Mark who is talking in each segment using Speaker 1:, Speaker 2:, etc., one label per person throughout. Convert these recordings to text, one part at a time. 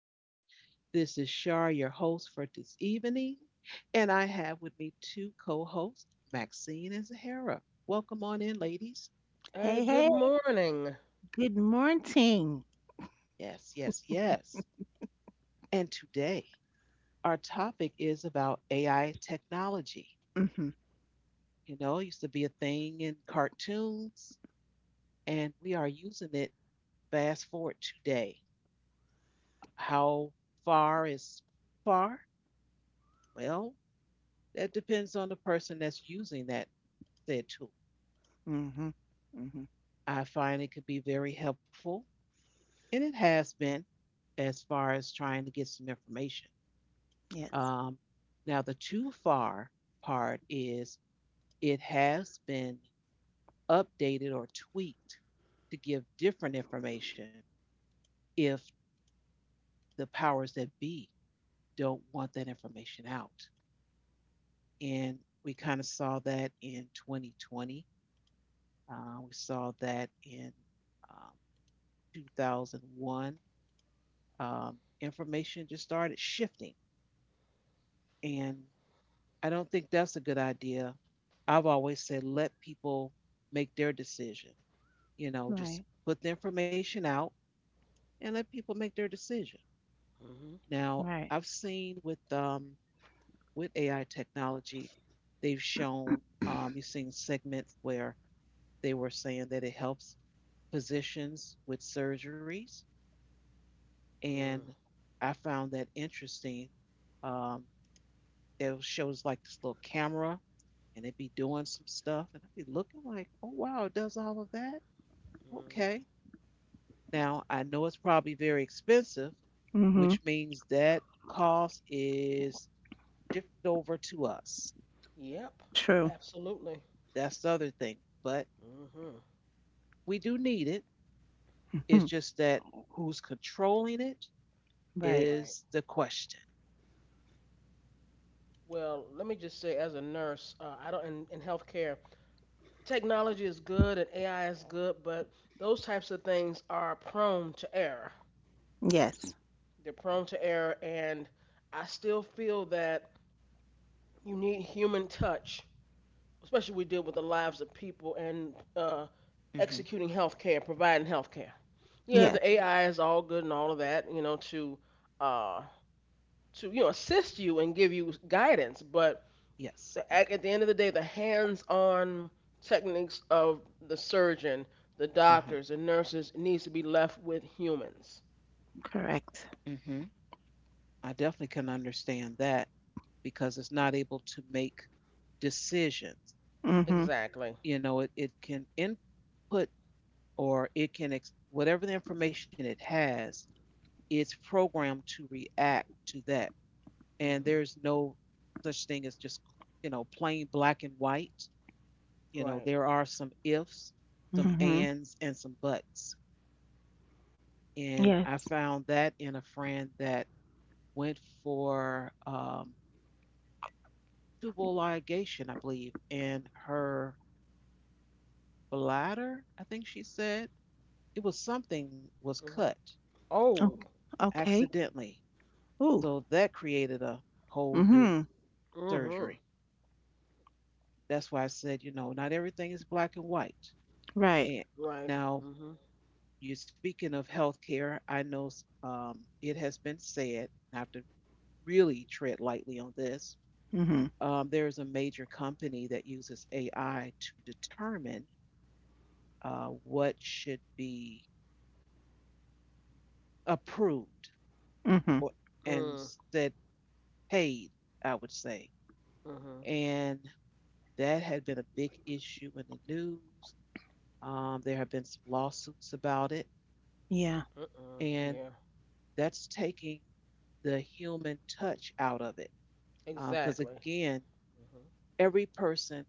Speaker 1: land. This is Shar, your host for this evening, and I have with me two co hosts, Maxine and Zahara. Welcome on in, ladies.
Speaker 2: Hey,
Speaker 3: Hey,
Speaker 2: good
Speaker 3: hey,
Speaker 2: morning.
Speaker 3: good morning.
Speaker 1: Yes, yes, yes. And today, our topic is about AI technology.
Speaker 3: Mm-hmm,
Speaker 1: You know, it used to be a thing in cartoons, and we are using it fast forward today. How far is far? Well, that depends on the person that's using that said tool.
Speaker 3: mm-hmm, mm-hmm.
Speaker 1: I find it could be very helpful, and it has been as far as trying to get some information.
Speaker 3: Yes,
Speaker 1: Um, Now, the too far part is it has been updated or tweaked to give different information if the powers that be don't want that information out. And we kind of saw that in 2020. We saw that in um, 2001, um, information just started shifting. And I don't think that's a good idea. I've always said let people make their decision. You know, just
Speaker 3: right,
Speaker 1: put the information out and let people make their decision.
Speaker 2: Mm-hmm.
Speaker 1: Now,
Speaker 3: right.
Speaker 1: I've seen with AI technology, they've shown you've seen segments where they were saying that it helps physicians with surgeries, and
Speaker 2: Mm,
Speaker 1: I found that interesting, um, that shows like this little camera and it'd be doing some stuff and I'd be looking like, oh wow, it does all of that. Okay.
Speaker 2: mm.
Speaker 1: Now I know it's probably very expensive,
Speaker 3: Mm-hmm,
Speaker 1: which means that cost is shifted over to us.
Speaker 2: Yep,
Speaker 3: true.
Speaker 2: absolutely.
Speaker 1: That's the other thing. But
Speaker 2: Mm-hmm.
Speaker 1: we do need it. It's
Speaker 3: Hmm.
Speaker 1: just that who's controlling it
Speaker 3: Right.
Speaker 2: Right.
Speaker 1: is the question.
Speaker 2: Well, let me just say, as a nurse, I don't in healthcare, technology is good and AI is good, but those types of things are prone to error.
Speaker 3: Yes,
Speaker 2: They're prone to error, and I still feel that you need human touch especially we deal with the lives of people and
Speaker 1: Mhm.
Speaker 2: executing healthcare, providing healthcare. Yeah,
Speaker 3: yes,
Speaker 2: the AI is all good and all of that, you know, uh, to assist you and give you guidance, but
Speaker 1: Yes. Okay.
Speaker 2: at the end of the day, the hands-on techniques of the surgeon, the
Speaker 1: Uh huh.
Speaker 2: doctors, the nurses needs to be left with humans.
Speaker 3: correct.
Speaker 1: Mhm. I definitely can understand that because it's not able to make decisions.
Speaker 3: Mm-hmm,
Speaker 2: Exactly.
Speaker 1: You know, it can input or it can, ex- whatever the information it has, it's programmed to react to that. And there's
Speaker 2: Mhm.
Speaker 1: no such thing as just, you know, plain black and white. You know,
Speaker 2: Right.
Speaker 1: there are some ifs, some
Speaker 3: mm-hmm.
Speaker 1: ands, and some buts. And I
Speaker 3: Yes.
Speaker 1: found that in a friend that went for tubal ligation, I believe, in her bladder, I think she said. It was something was
Speaker 2: Mhm.
Speaker 1: cut
Speaker 3: Oh,
Speaker 2: Oh.
Speaker 3: okay.
Speaker 1: accidentally.
Speaker 3: Ooh.
Speaker 1: So that created a whole new
Speaker 3: Mm-hmm,
Speaker 2: Mhm.
Speaker 1: surgery. That's why I said, you know, not everything is black and white.
Speaker 3: right.
Speaker 1: And
Speaker 2: Right.
Speaker 1: now
Speaker 2: Mhm.
Speaker 1: you're speaking of healthcare. I know, it has been said, and I have to really tread lightly on this.
Speaker 3: Mm-hmm,
Speaker 1: There is a major company that uses AI to determine what should be approved
Speaker 3: mm-hmm.
Speaker 1: or, and
Speaker 2: Mm.
Speaker 1: said paid, I would say.
Speaker 2: Mhm.
Speaker 1: And that had been a big issue in the news. There have been some lawsuits about it,
Speaker 3: Yeah,
Speaker 2: Mm-mm.
Speaker 1: and
Speaker 2: Yeah.
Speaker 1: that's taking the human touch out of it. Because
Speaker 2: Exactly.
Speaker 1: again,
Speaker 2: Mhm.
Speaker 1: every person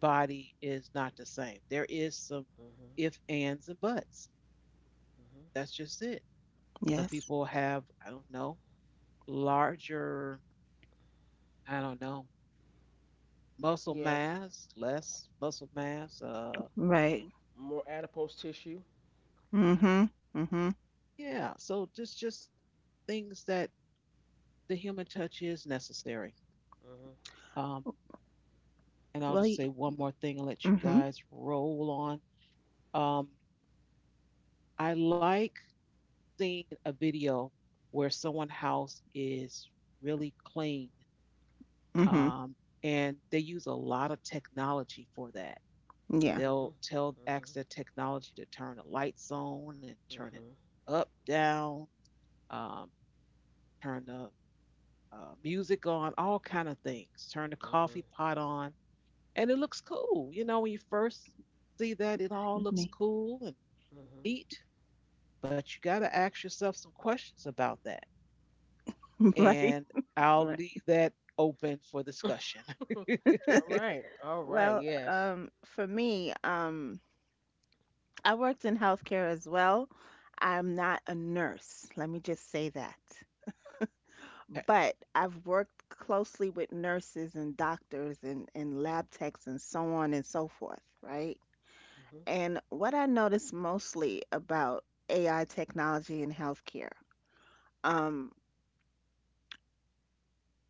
Speaker 1: body is not the same. There is some
Speaker 2: Mhm.
Speaker 1: if, ands, and buts.
Speaker 2: Mhm.
Speaker 1: That's just it. Some
Speaker 3: yes,
Speaker 1: people have, I don't know, larger, I don't know, muscle
Speaker 2: Yeah.
Speaker 1: mass, less muscle mass.
Speaker 3: right.
Speaker 2: More adipose tissue.
Speaker 3: Mm-hmm, mm-hmm.
Speaker 1: Yeah, so just things that the human touch is necessary.
Speaker 2: Mhm.
Speaker 1: Um, and I'll
Speaker 3: Well,
Speaker 1: just
Speaker 3: y-
Speaker 1: say one more thing and let you
Speaker 3: mm-hmm,
Speaker 1: guys roll on. Um, I like seeing a video where someone's house is really clean,
Speaker 3: mm-hmm.
Speaker 1: um, and they use a lot of technology for that.
Speaker 3: Yeah,
Speaker 1: They'll
Speaker 2: Mhm.
Speaker 1: tell ask
Speaker 2: Mhm.
Speaker 1: their technology to turn the lights on and turn it
Speaker 2: Mhm.
Speaker 1: up, down, um, turn the music on, all kind of things. Turn the coffee pot on, and it looks cool. You know, when you first see that, it all
Speaker 3: excuse
Speaker 1: looks
Speaker 3: me.
Speaker 1: cool and
Speaker 2: Mhm.
Speaker 1: neat. But you got to ask yourself some questions about that,
Speaker 3: Right,
Speaker 1: and I'll
Speaker 3: right.
Speaker 1: leave that open for
Speaker 2: Mhm.
Speaker 1: discussion.
Speaker 2: All
Speaker 1: Okay.
Speaker 2: right. All right.
Speaker 3: Well,
Speaker 2: Yes.
Speaker 3: for me, I worked in healthcare as well. I'm not a nurse, let me just say that. But I've worked closely with nurses and doctors and lab techs and so on and so forth, right?
Speaker 2: Mhm.
Speaker 3: And what I notice mostly about AI technology in healthcare, um,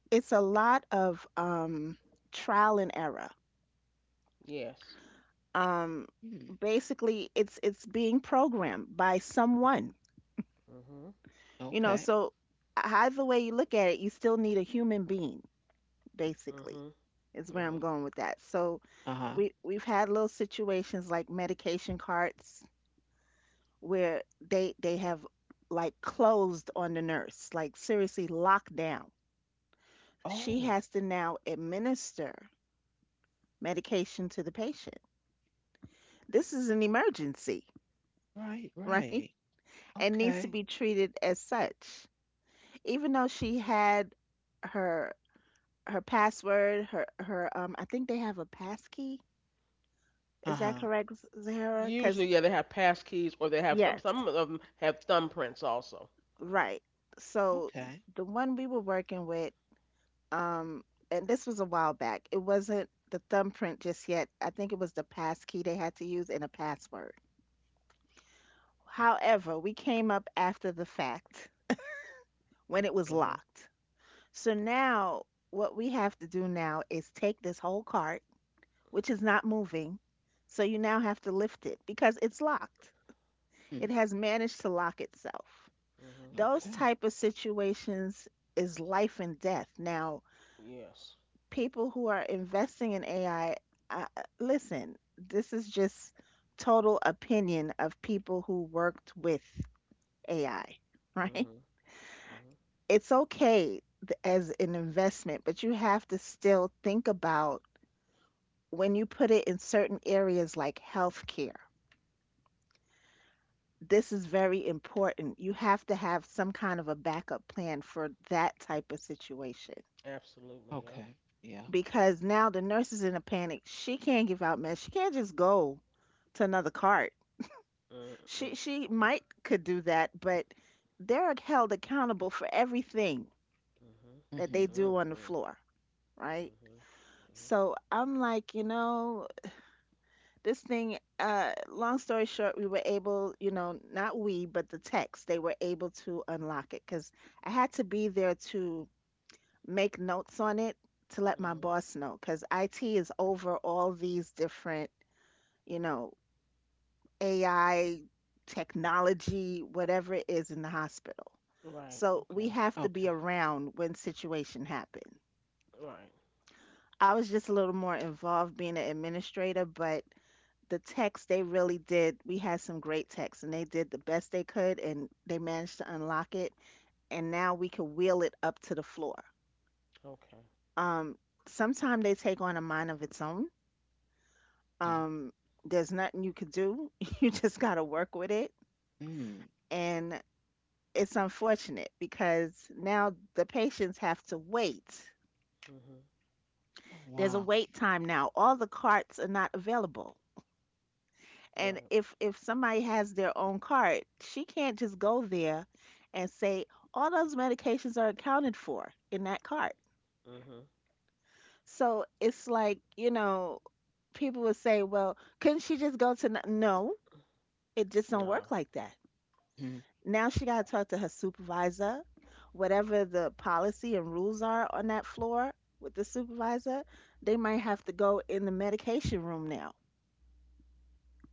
Speaker 3: it's a lot of trial and error.
Speaker 2: Yes.
Speaker 3: Um,
Speaker 1: Hmm,
Speaker 3: basically, it's being programmed by someone.
Speaker 2: Mhm.
Speaker 3: You know,
Speaker 1: okay.
Speaker 3: so either way you look at it, you still need a human being, basically,
Speaker 2: Mhm.
Speaker 3: is where I'm
Speaker 2: Mhm.
Speaker 3: going with that. So
Speaker 1: Uh huh.
Speaker 2: Mhm.
Speaker 3: we've had little situations like medication carts where they have like closed on the nurse, like seriously locked down. She
Speaker 1: Oh,
Speaker 3: has to now administer medication to the patient. This is an emergency,
Speaker 1: right, right.
Speaker 3: right? And needs
Speaker 1: Okay.
Speaker 3: to be treated as such. Even though she had her password, her I think they have a pass key.
Speaker 1: Uh
Speaker 3: Is that
Speaker 1: huh.
Speaker 3: correct, Zahara? Cuz
Speaker 2: Usually, yeah, they have pass keys or they have some.
Speaker 3: yes,
Speaker 2: Some of them have thumbprints also.
Speaker 3: right. So
Speaker 1: Okay.
Speaker 3: the one we were working with um and this was a while back. It wasn't the thumbprint just yet. I think it was the pass key they had to use and a password. However, we came up after the fact when it
Speaker 2: Mhm.
Speaker 3: was locked. So now what we have to do now is take this whole cart, which is not moving, so you now have to lift it because it's locked.
Speaker 1: Hmm,
Speaker 3: It has managed to lock itself.
Speaker 2: Mhm.
Speaker 3: Those
Speaker 1: okay.
Speaker 3: type of situations is life and death. Now,
Speaker 2: Yes.
Speaker 3: people who are investing in AI, uh, listen, this is just total opinion of people who worked with AI, right?
Speaker 2: Mhm. Mhm.
Speaker 3: It's okay as an investment, but you have to still think about when you put it in certain areas like healthcare, this is very important. You have to have some kind of a backup plan for that type of situation
Speaker 2: Absolutely. Yep.
Speaker 1: Okay. Yeah.
Speaker 3: because now the nurse is in a panic. She can't give out meds. She can't just go to another cart.
Speaker 2: Mm, mm,
Speaker 3: She might could do that, but they're held accountable for everything
Speaker 2: mhm.
Speaker 3: that
Speaker 1: Mm-hmm.
Speaker 3: they do on the
Speaker 2: Mhm.
Speaker 3: floor, right?
Speaker 2: Mhm.
Speaker 3: So I'm like, you know, this thing long story short we were able, you know, not we but the techs, they were able to unlock it because I had to be there to make notes on it to let my
Speaker 2: Mhm.
Speaker 3: boss know because it is over all these different, you know, AI technology, whatever it is in the hospital.
Speaker 2: Right.
Speaker 3: So we
Speaker 2: Okay.
Speaker 3: have to be
Speaker 1: Okay.
Speaker 3: around when situation happen.
Speaker 2: Right.
Speaker 3: I was just a little more involved being an administrator, but the techs, they really did, we had some great techs and they did the best they could and they managed to unlock it, and now we can wheel it up to the floor.
Speaker 2: Okay.
Speaker 3: um sometime they take on a mind of its own.
Speaker 1: Okay.
Speaker 3: um there's nothing you could do. You just got to work with it,
Speaker 1: Mm.
Speaker 3: and it's unfortunate because now the patients have to wait.
Speaker 2: Mhm.
Speaker 1: Oh,
Speaker 3: There's a
Speaker 1: wow.
Speaker 3: wait time now, all the carts are not available. And
Speaker 2: Right.
Speaker 3: if somebody has their own card, she can't just go there and say all those medications are accounted for in that card.
Speaker 2: Mhm.
Speaker 3: So it's like, you know, people would say, "Well, couldn't she just go to n-" No, it just don't
Speaker 2: Nah.
Speaker 3: work like that.
Speaker 1: Mm.
Speaker 3: Now she got to talk to her supervisor, whatever the policy and rules are on that floor with the supervisor, they might have to go in the medication room now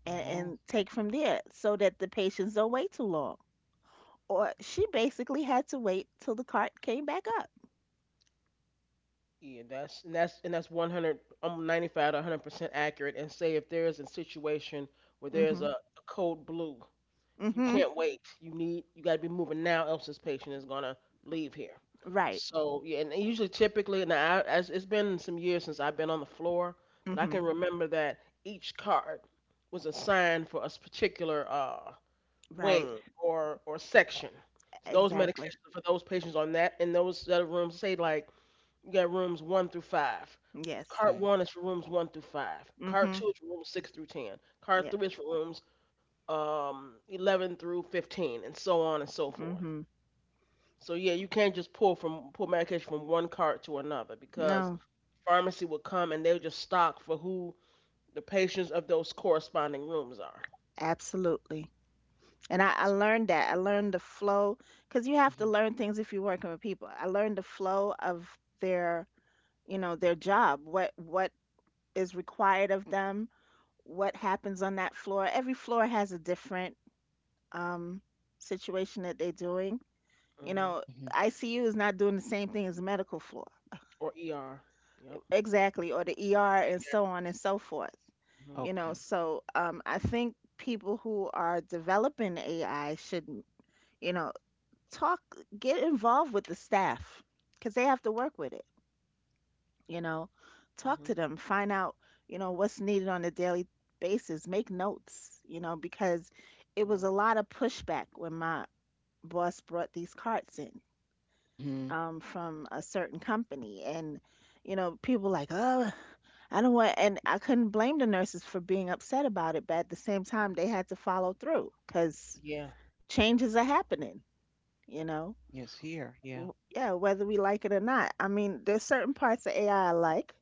Speaker 3: and,
Speaker 1: Oh.
Speaker 3: and take from there so that the patients don't wait too long. Or she basically had to wait till the cart came back up.
Speaker 2: Yeah, that's 100, 95 to 100% accurate. And say if there's a situation where
Speaker 3: Mm.
Speaker 2: there's
Speaker 3: Mhm.
Speaker 2: a code blue,
Speaker 3: Mm.
Speaker 2: you
Speaker 3: Mhm.
Speaker 2: can't wait. You need you got to be moving now, else this patient is gonna leave here.
Speaker 3: Right.
Speaker 2: So yeah, and usually typically, and I as it's been some years since I've been on the floor,
Speaker 3: Mm.
Speaker 2: but I
Speaker 3: Mhm.
Speaker 2: can remember that each card was assigned for a particular
Speaker 3: Right.
Speaker 2: wing or section. So those
Speaker 3: Exactly.
Speaker 2: medications are for those patients on that, and those other rooms say like you got rooms one through five.
Speaker 3: Yes.
Speaker 2: Cart
Speaker 1: Okay.
Speaker 2: one is for rooms one through five.
Speaker 3: Mm.
Speaker 2: Cart
Speaker 3: Mhm.
Speaker 2: two is for rooms six through ten. Cart
Speaker 3: Yes.
Speaker 2: three is for rooms 11 through 15, and so on and so forth.
Speaker 3: Mhm.
Speaker 2: So yeah, you can't just pull medication from one cart to another because
Speaker 3: No.
Speaker 2: pharmacy will come and they'll just stock for who the patients of those corresponding rooms are.
Speaker 3: Absolutely. And I learned that. I learned the flow because you have
Speaker 1: Mhm,
Speaker 3: to learn things if you're working with people. I learned the flow of their, you know, their job. What is required of them. What happens on that floor. Every floor has a different um, situation that they're doing. You
Speaker 2: Hmm.
Speaker 3: know,
Speaker 1: mhm.
Speaker 3: ICU is not doing the same thing as the medical floor.
Speaker 2: Or ER. Yep.
Speaker 3: Exactly, or the ER and so on
Speaker 2: Pediatrics.
Speaker 3: and so forth.
Speaker 2: Mhm,
Speaker 3: You know,
Speaker 1: Okay.
Speaker 3: so I think people who are developing AI should, you know, talk, get involved with the staff because they have to work with it. You know, talk
Speaker 2: mhm,
Speaker 3: to them, find out, you know, what's needed on a daily basis, make notes, you know, because it
Speaker 2: yeah,
Speaker 3: was a lot of pushback when my boss brought these carts in,
Speaker 1: Hmm.
Speaker 3: from a certain company. And, you know, people like, oh, I don't want, and I couldn't blame the nurses for being upset about it. But at the same time, they had to follow through because
Speaker 2: yeah,
Speaker 3: changes are happening, you know?
Speaker 1: Yes, here. Yeah.
Speaker 3: Yeah, whether we like it or not. I mean, there's certain parts of AI I like.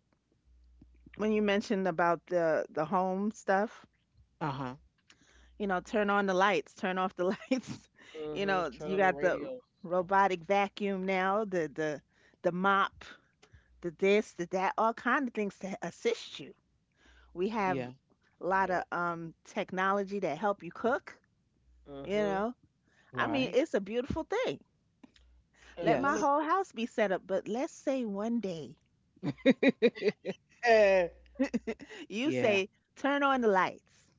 Speaker 3: When you
Speaker 2: mhm,
Speaker 3: mentioned about the home stuff,
Speaker 1: Uh-huh.
Speaker 3: you know, turn on the lights, turn off the lights. You
Speaker 2: mhm,
Speaker 3: know,
Speaker 2: turn
Speaker 3: you
Speaker 2: on the
Speaker 3: got the
Speaker 2: radio. And stuff.
Speaker 3: robotic vacuum now, the the mop, the this, the that, all kind of things to assist you. We
Speaker 2: Mm,
Speaker 3: have
Speaker 1: Yeah.
Speaker 3: a lot of
Speaker 2: yep,
Speaker 3: technology that help you cook, you
Speaker 2: mhm,
Speaker 3: know. I
Speaker 2: yeah.
Speaker 3: mean,
Speaker 1: Right.
Speaker 3: it's a beautiful thing. Let
Speaker 2: And let
Speaker 3: my
Speaker 2: me,
Speaker 1: Yes.
Speaker 3: whole house be set up, but let's say one day
Speaker 2: eh,
Speaker 3: you
Speaker 1: Yeah.
Speaker 3: say turn on the lights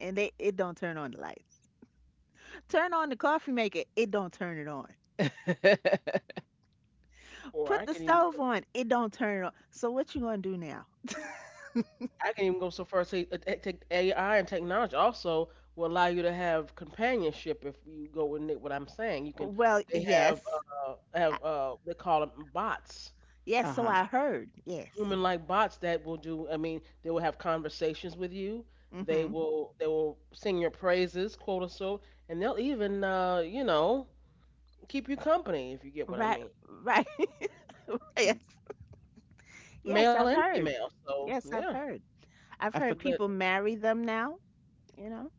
Speaker 3: and they it don't turn on the lights. Turn on the coffee maker, it don't turn it on.
Speaker 2: or
Speaker 3: Put
Speaker 2: I
Speaker 3: the
Speaker 2: can even
Speaker 3: stove
Speaker 2: go,
Speaker 3: on, it don't turn it on. So what you going to do now?
Speaker 2: I can even go so far as say AI and technology also will allow you to have companionship if you go with it, what I'm saying. You can,
Speaker 3: Well,
Speaker 2: they have,
Speaker 3: yes. I-
Speaker 2: they call them bots.
Speaker 3: Yes, so
Speaker 1: Uh-huh.
Speaker 3: I heard. Yes.
Speaker 2: Human like bots that will do I mean they will have conversations with you.
Speaker 3: Mm.
Speaker 2: They
Speaker 3: Mhm.
Speaker 2: will they will sing your praises quote or so, and they'll even you know keep you company if you get what I
Speaker 3: Right,
Speaker 2: mean.
Speaker 3: right.
Speaker 1: Mm.
Speaker 3: Yes. Yes,
Speaker 2: Male
Speaker 3: I've
Speaker 2: and
Speaker 3: heard.
Speaker 2: female, so
Speaker 3: Yes,
Speaker 2: yeah,
Speaker 3: I've heard. I've
Speaker 1: I for
Speaker 3: heard
Speaker 2: but
Speaker 3: people marry them now, you know?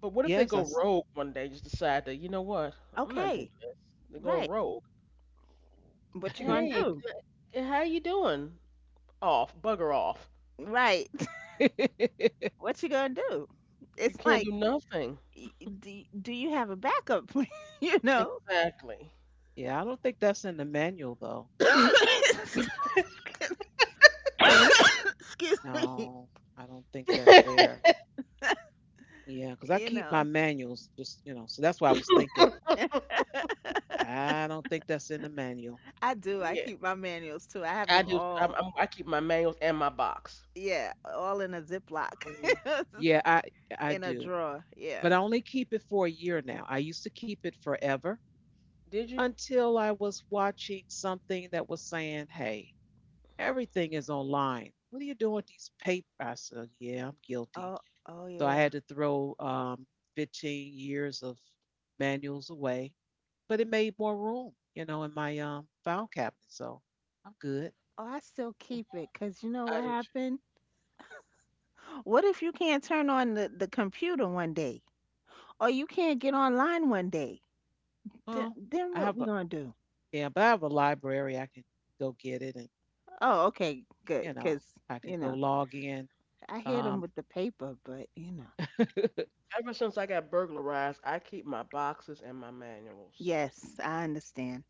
Speaker 2: but what if they
Speaker 1: yes, I
Speaker 2: go
Speaker 1: s-
Speaker 2: rogue one day, just decide that you know what, I'm not doing
Speaker 3: Okay,
Speaker 2: this? They're going
Speaker 3: right.
Speaker 2: rogue.
Speaker 3: What you gonna
Speaker 2: Hey,
Speaker 3: do?
Speaker 2: can I, how you doing, off, bugger off?
Speaker 3: Right. What you gonna do?
Speaker 2: You
Speaker 3: It's
Speaker 2: can't
Speaker 3: like,
Speaker 2: do nothing.
Speaker 3: y- do you have a backup plan? You know?
Speaker 2: Exactly.
Speaker 1: Yeah, I don't think that's in the manual though.
Speaker 3: Excuse me.
Speaker 1: No, I don't think that's there. Yeah, because I
Speaker 3: You
Speaker 1: keep my
Speaker 3: know,
Speaker 1: manuals just, you know, so that's why I was thinking, I don't think that's in the manual.
Speaker 3: I do. I
Speaker 2: Yeah.
Speaker 3: keep my manuals too. I have
Speaker 2: I
Speaker 3: them
Speaker 2: do.
Speaker 3: all,
Speaker 2: I keep my manuals and my box.
Speaker 3: yeah, all in a Ziploc,
Speaker 2: Mhm.
Speaker 1: Yeah, I
Speaker 3: in a
Speaker 1: do.
Speaker 3: drawer. Yeah.
Speaker 1: But I only keep it for a year now. I used to keep it forever.
Speaker 2: Did you?
Speaker 1: Until I was watching something that was saying, hey, everything is online. What are you doing with these papers? I said, yeah, I'm guilty.
Speaker 3: Oh, oh
Speaker 1: So I
Speaker 3: yeah.
Speaker 1: had to throw 15 years of manuals away, but it made more room, you know, in my, file cabinet. So I'm good.
Speaker 3: Oh, I still keep it because you know
Speaker 2: I do
Speaker 3: what
Speaker 2: too.
Speaker 3: happened? What if you can't turn on the computer one day? Or you can't get online one day?
Speaker 1: Well,
Speaker 3: Then
Speaker 1: I
Speaker 3: what
Speaker 1: have
Speaker 3: we
Speaker 1: a,
Speaker 3: gonna do?
Speaker 1: yeah, but I have a library. I can go get it and,
Speaker 3: Oh, okay, good.
Speaker 1: you know,
Speaker 3: Because,
Speaker 1: I can
Speaker 3: you
Speaker 1: go
Speaker 3: know,
Speaker 1: log in.
Speaker 3: I hit them
Speaker 1: Um,
Speaker 3: with the paper, but, you know.
Speaker 2: Ever since I got burglarized, I keep my boxes and my manuals.
Speaker 3: Yes, I understand.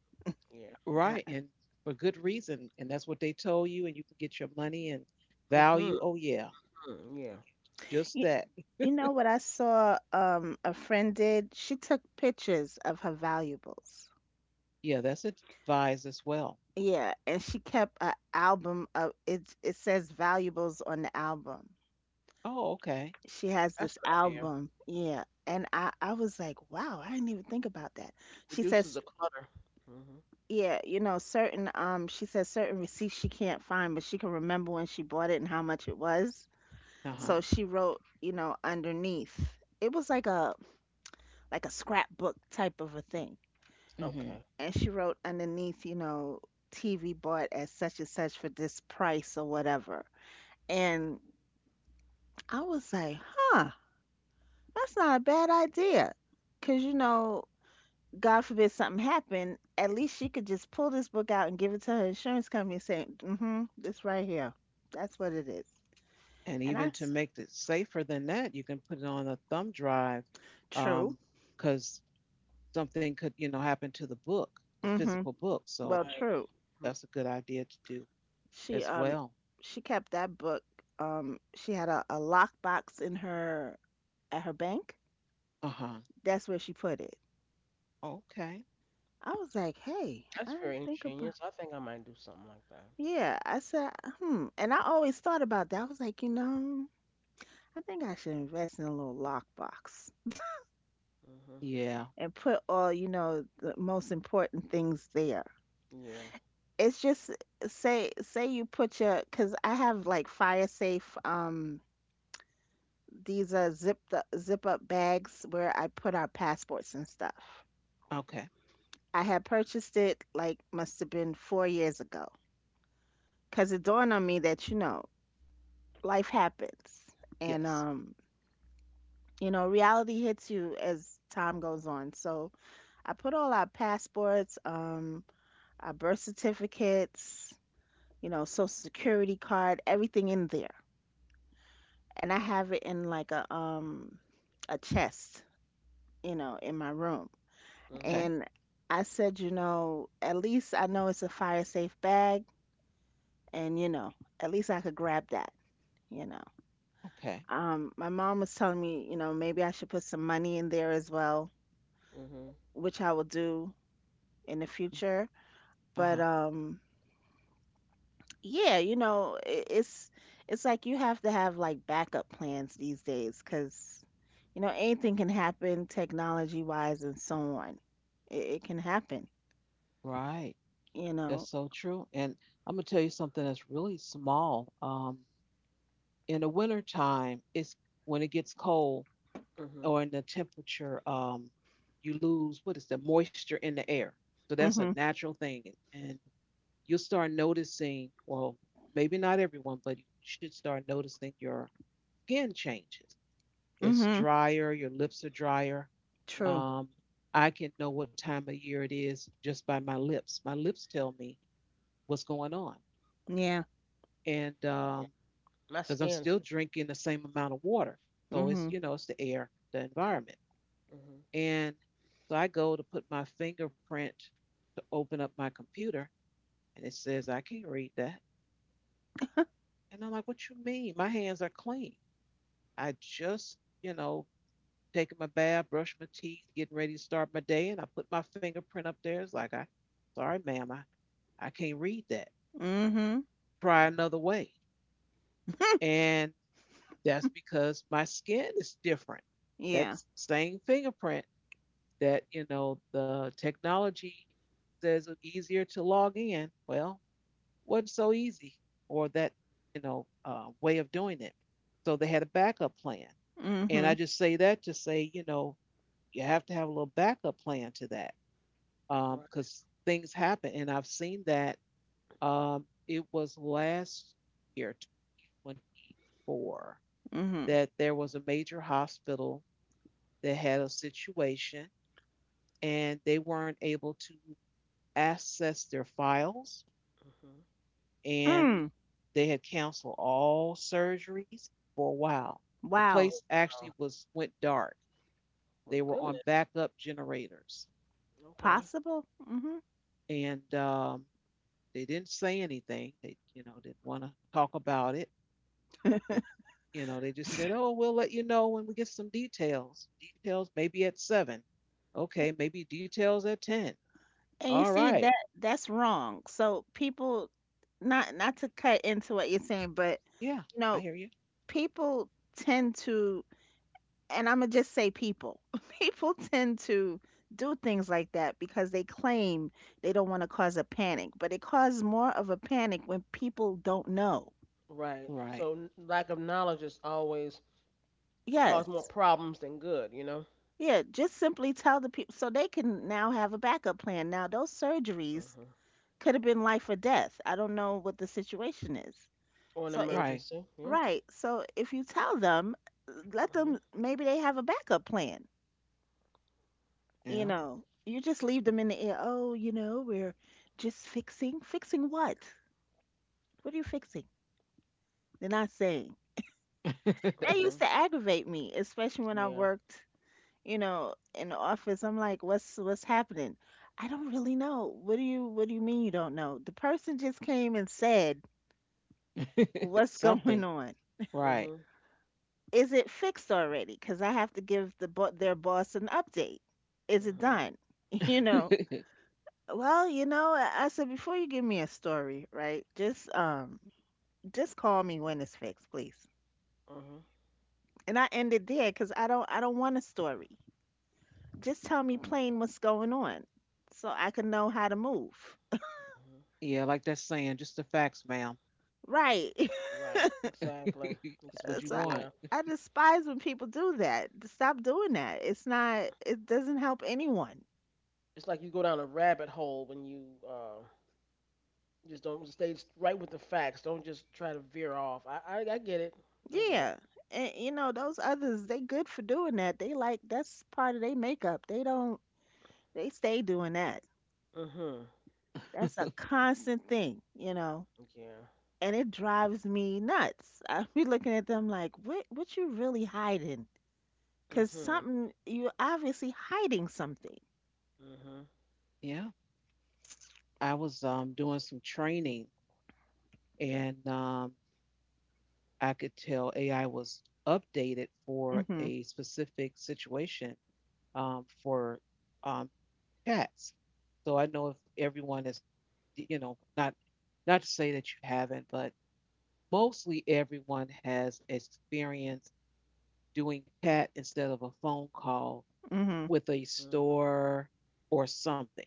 Speaker 2: Yeah.
Speaker 1: Right,
Speaker 3: I,
Speaker 1: and for good reason. And that's what they told you, and you can get your money and
Speaker 2: Mhm.
Speaker 1: value. Oh, yeah,
Speaker 2: Mm, yeah.
Speaker 1: just
Speaker 3: you,
Speaker 1: that.
Speaker 3: you know what I saw a friend did? She took pictures of her valuables.
Speaker 1: Yeah, that's advised as well.
Speaker 3: Yeah, and she kept an album of it. It says valuables on the album.
Speaker 1: Oh, okay.
Speaker 3: She has
Speaker 2: That's a
Speaker 3: this
Speaker 2: good idea.
Speaker 3: album. Yeah. And I was like, wow, I didn't even think about that. She
Speaker 2: Reduces the
Speaker 3: says,
Speaker 2: clutter. Mhm.
Speaker 3: yeah, you know, certain, she says certain receipts she can't find, but she can remember when she bought it and how much it was.
Speaker 1: Uh
Speaker 2: Mhm.
Speaker 1: huh.
Speaker 3: So she wrote, you know, underneath. It was like a scrapbook type of a thing.
Speaker 2: Okay.
Speaker 1: Hmm.
Speaker 3: And she wrote underneath, you know, TV bought at such and such for this price or whatever. And I was like, huh, that's not a bad idea. Cause you know, God forbid something happened, at least she could just pull this book out and give it to her insurance company and say, mm-hmm, this right here. That's what it is.
Speaker 1: And
Speaker 3: And
Speaker 1: even to
Speaker 3: that's
Speaker 1: make it safer than that, you can put it on a thumb drive,
Speaker 3: true.
Speaker 1: um, because something could, you know, happen to the book, the
Speaker 3: Mm-hmm.
Speaker 1: physical book.
Speaker 2: Right.
Speaker 1: So
Speaker 3: Well, true.
Speaker 2: Mhm.
Speaker 1: that's a good idea to do
Speaker 3: She
Speaker 1: as
Speaker 2: Mm.
Speaker 3: um
Speaker 1: well.
Speaker 3: she kept that book. She had a lock box in her at her bank.
Speaker 1: Uh huh.
Speaker 3: That's where she put it.
Speaker 1: Okay.
Speaker 3: I was like, hey,
Speaker 2: That's
Speaker 3: I
Speaker 2: very
Speaker 3: didn't think about.
Speaker 2: ingenious. I think I might do something like that.
Speaker 3: Yeah, I said, hmm. And I always thought about that. I was like, you know, I think I should invest in a little lock box
Speaker 2: Mhm.
Speaker 1: Yeah.
Speaker 3: and put all, you know, the most important things there.
Speaker 2: Yeah.
Speaker 3: It's just, say you put your because I have like fire safe these are zip up bags where I put our passports and stuff.
Speaker 1: Okay.
Speaker 3: I had purchased it like must have been 4 years ago because it dawned on me that, you know, life happens and
Speaker 1: Yes.
Speaker 3: um, you know, reality hits you as time goes on. So I put all our passports, um, our birth certificates, you know, social security card, everything in there. And I have it in like a chest, you know, in my room.
Speaker 2: Mhm.
Speaker 1: Okay.
Speaker 3: And I said, you know, at least I know it's a fire safe bag, and you know, at least I could grab that, you know.
Speaker 1: Okay.
Speaker 3: Um, my mom was telling me, you know, maybe I should put some money in there as well,
Speaker 2: Mhm.
Speaker 3: which I will do in the future.
Speaker 1: Uh
Speaker 3: But
Speaker 1: huh.
Speaker 3: um, yeah, you know, I it's like you have to have like backup plans these days, cause you know anything can happen technology wise and so on. It can happen,
Speaker 1: Right.
Speaker 3: you
Speaker 1: That's
Speaker 3: know.
Speaker 1: so true. And I'm gonna tell you something that's really small. In the winter time, it's when it gets cold
Speaker 2: Mhm.
Speaker 1: or in the temperature, you lose what is the moisture in the air. So that's a
Speaker 3: Mhm.
Speaker 1: natural thing, and you'll start noticing. Well, maybe not everyone, but you should start noticing your skin changes. It's
Speaker 3: Mhm.
Speaker 1: drier. Your lips are drier.
Speaker 3: True.
Speaker 2: Mhm.
Speaker 1: Um, I can know what time of year it is just by my lips. My lips tell me what's going on.
Speaker 3: Yeah.
Speaker 1: And
Speaker 2: Yeah. My
Speaker 1: because I'm
Speaker 2: skin
Speaker 1: still
Speaker 2: too.
Speaker 1: drinking the same amount of water. So it's
Speaker 3: Mhm.
Speaker 1: you know it's the air, the environment,
Speaker 2: Mhm.
Speaker 1: and so I go to put my fingerprint to open up my computer, and it says I can't read that, and I'm like, what you mean? My hands are clean. I just you know taking my bath, brush my teeth, getting ready to start my day, and I put my fingerprint up there. It's like I, sorry ma'am, I can't read that.
Speaker 3: Mhm.
Speaker 1: Try
Speaker 2: Mhm.
Speaker 1: another way, and that's because my skin is different.
Speaker 3: Yeah.
Speaker 1: That's same fingerprint that, you know, the technology says it's easier to log in. Well, it wasn't so easy or that, you know, way of doing it. So they had a backup plan. And I
Speaker 3: Mhm.
Speaker 1: just say that to say, you know, you have to have a little backup plan to that
Speaker 2: Right.
Speaker 1: because things happen. And I've seen that, it was last year, 2024,
Speaker 3: Mhm.
Speaker 1: that there was a major hospital that had a situation and they weren't able to access their files
Speaker 2: Mhm.
Speaker 1: and
Speaker 3: Hmm.
Speaker 1: they had canceled all surgeries for a while. The
Speaker 3: Wow.
Speaker 2: Oh
Speaker 1: place
Speaker 2: wow.
Speaker 1: actually was went dark.
Speaker 2: My
Speaker 1: They were on
Speaker 2: goodness.
Speaker 1: backup generators
Speaker 2: Okay.
Speaker 3: Possible? Mhm.
Speaker 1: and they didn't say anything. They you know didn't want to talk about it. They you know they just said, "Oh, we'll let you know when we get some details. Details maybe at 7. Okay, maybe details at 10."
Speaker 3: And you
Speaker 1: All
Speaker 3: see
Speaker 1: right.
Speaker 3: that that's wrong. So people not to cut into what you're saying, but
Speaker 1: Yeah,
Speaker 3: you
Speaker 1: I
Speaker 3: know,
Speaker 1: hear you.
Speaker 3: people tend to and I'm gonna just say people. People tend to do things like that because they claim they don't want to cause a panic, but it causes more of a panic when people don't know.
Speaker 2: Right.
Speaker 1: Right.
Speaker 2: So lack of knowledge is always cause more
Speaker 3: Yes.
Speaker 2: problems than good, you know?
Speaker 3: Yeah, just simply tell the people so they can now have a backup plan. Now, those surgeries
Speaker 2: Hmm.
Speaker 3: could have been life or death. I don't know what the situation is.
Speaker 2: Or an
Speaker 3: So, it,
Speaker 1: Right.
Speaker 2: emergency. Yeah.
Speaker 3: right. So, if you tell them, let
Speaker 2: Hmm
Speaker 3: them, maybe they have a backup plan. You
Speaker 1: Yeah.
Speaker 3: know, you just leave them in the air. Oh, you know, we're just fixing. Fixing what? What are you fixing? They're not saying. That
Speaker 2: hmm.
Speaker 3: used to aggravate me, especially when I
Speaker 2: Yeah.
Speaker 3: worked, you know, in the office. I'm like, what's happening? I don't really know. What do you mean you don't know? The person just came and said, what's going
Speaker 1: Something.
Speaker 3: on?
Speaker 2: Hmm
Speaker 1: Right.
Speaker 2: hmm
Speaker 3: Is it fixed already? Because I have to give the bo- their boss an update. Is it done? You
Speaker 2: hmm
Speaker 3: know, well, you know, I said before you give me a story, right? Just call me when it's fixed, please.
Speaker 2: hmm
Speaker 3: And I ended there because I don't want a story. Just tell me
Speaker 2: Right.
Speaker 3: plain what's going on so I can know how to move.
Speaker 2: hmm
Speaker 1: Yeah, like that saying, just the facts, ma'am.
Speaker 3: Right.
Speaker 2: Right. Exactly.
Speaker 1: That's what
Speaker 2: Exactly.
Speaker 1: you
Speaker 3: So
Speaker 2: Yeah.
Speaker 1: want.
Speaker 3: I despise when people do that. Stop doing that. It's not it doesn't help anyone.
Speaker 2: It's like you go down a rabbit hole when you just don't stay right with the facts. Don't just try to veer off. I get it. I get it.
Speaker 3: Yeah. And you know, those others, they good for doing that. They like that's part of their makeup. They don't they stay doing that.
Speaker 2: Hmm
Speaker 3: That's a constant thing, you know,
Speaker 2: Yeah.
Speaker 3: and it drives me nuts. I be looking at them like, what you really hiding? Cause
Speaker 2: hmm
Speaker 3: something, you're obviously hiding something.
Speaker 2: hmm
Speaker 1: Yeah. I was doing some training and I could tell AI was updated for
Speaker 3: Mhm.
Speaker 1: a specific situation for um chats. So I know if everyone is you know, not not to say that you haven't, but mostly everyone has experienced doing chat instead of a phone call
Speaker 3: Mhm.
Speaker 1: with a
Speaker 2: hmm
Speaker 1: store or something.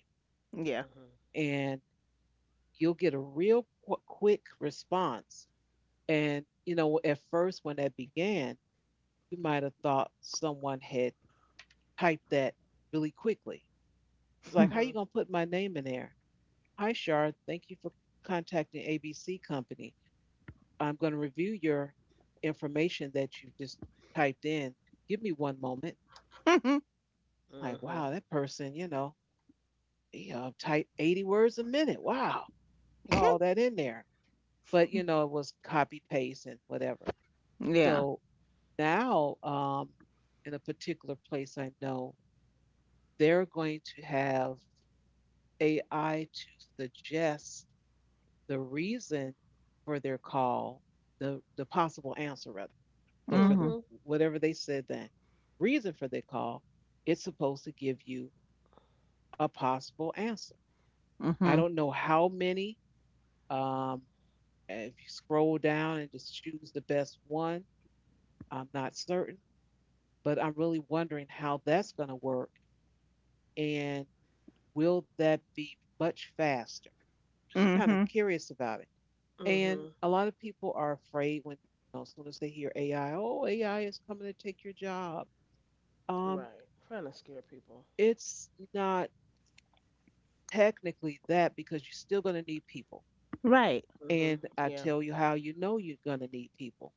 Speaker 3: Yeah.
Speaker 1: And you'll get a real qu- quick response. And, you know, at first when that began, you might have thought someone had typed that really quickly. It's like,
Speaker 2: hmm
Speaker 1: how you
Speaker 2: hmm
Speaker 1: going to put my name in there? Hi, Shar. Thank you for contacting ABC Company. I'm going to review your information that you just typed in. Give me one moment. I'm like,
Speaker 2: hmm.
Speaker 1: wow, that person, you know, type 80 words a minute. Wow, put all that in there. But, you know, it was copy paste and whatever.
Speaker 3: Yeah.
Speaker 1: So now, in a particular place I know, they're going to have AI to suggest the reason for their call, the possible answer, rather. So for the
Speaker 3: Mhm.
Speaker 2: Mhm.
Speaker 1: whatever they said the reason for their call, it's supposed to give you a possible answer. I
Speaker 3: Mhm.
Speaker 1: don't know how many um, if you scroll down and just choose the best one, I'm not certain, but I'm really wondering how that's going to work and will that be much faster? Just kind of
Speaker 3: Mhm.
Speaker 1: curious about it. And
Speaker 2: Mhm.
Speaker 1: a lot of people are afraid when, you know, as soon as they hear AI, oh, AI is coming to take your job. Um,
Speaker 2: Right. Trying to scare people.
Speaker 1: it's not technically that because you're still going to need people.
Speaker 3: Right.
Speaker 2: Mhm.
Speaker 1: And I
Speaker 2: Yeah.
Speaker 1: tell you how you know you're going to need people.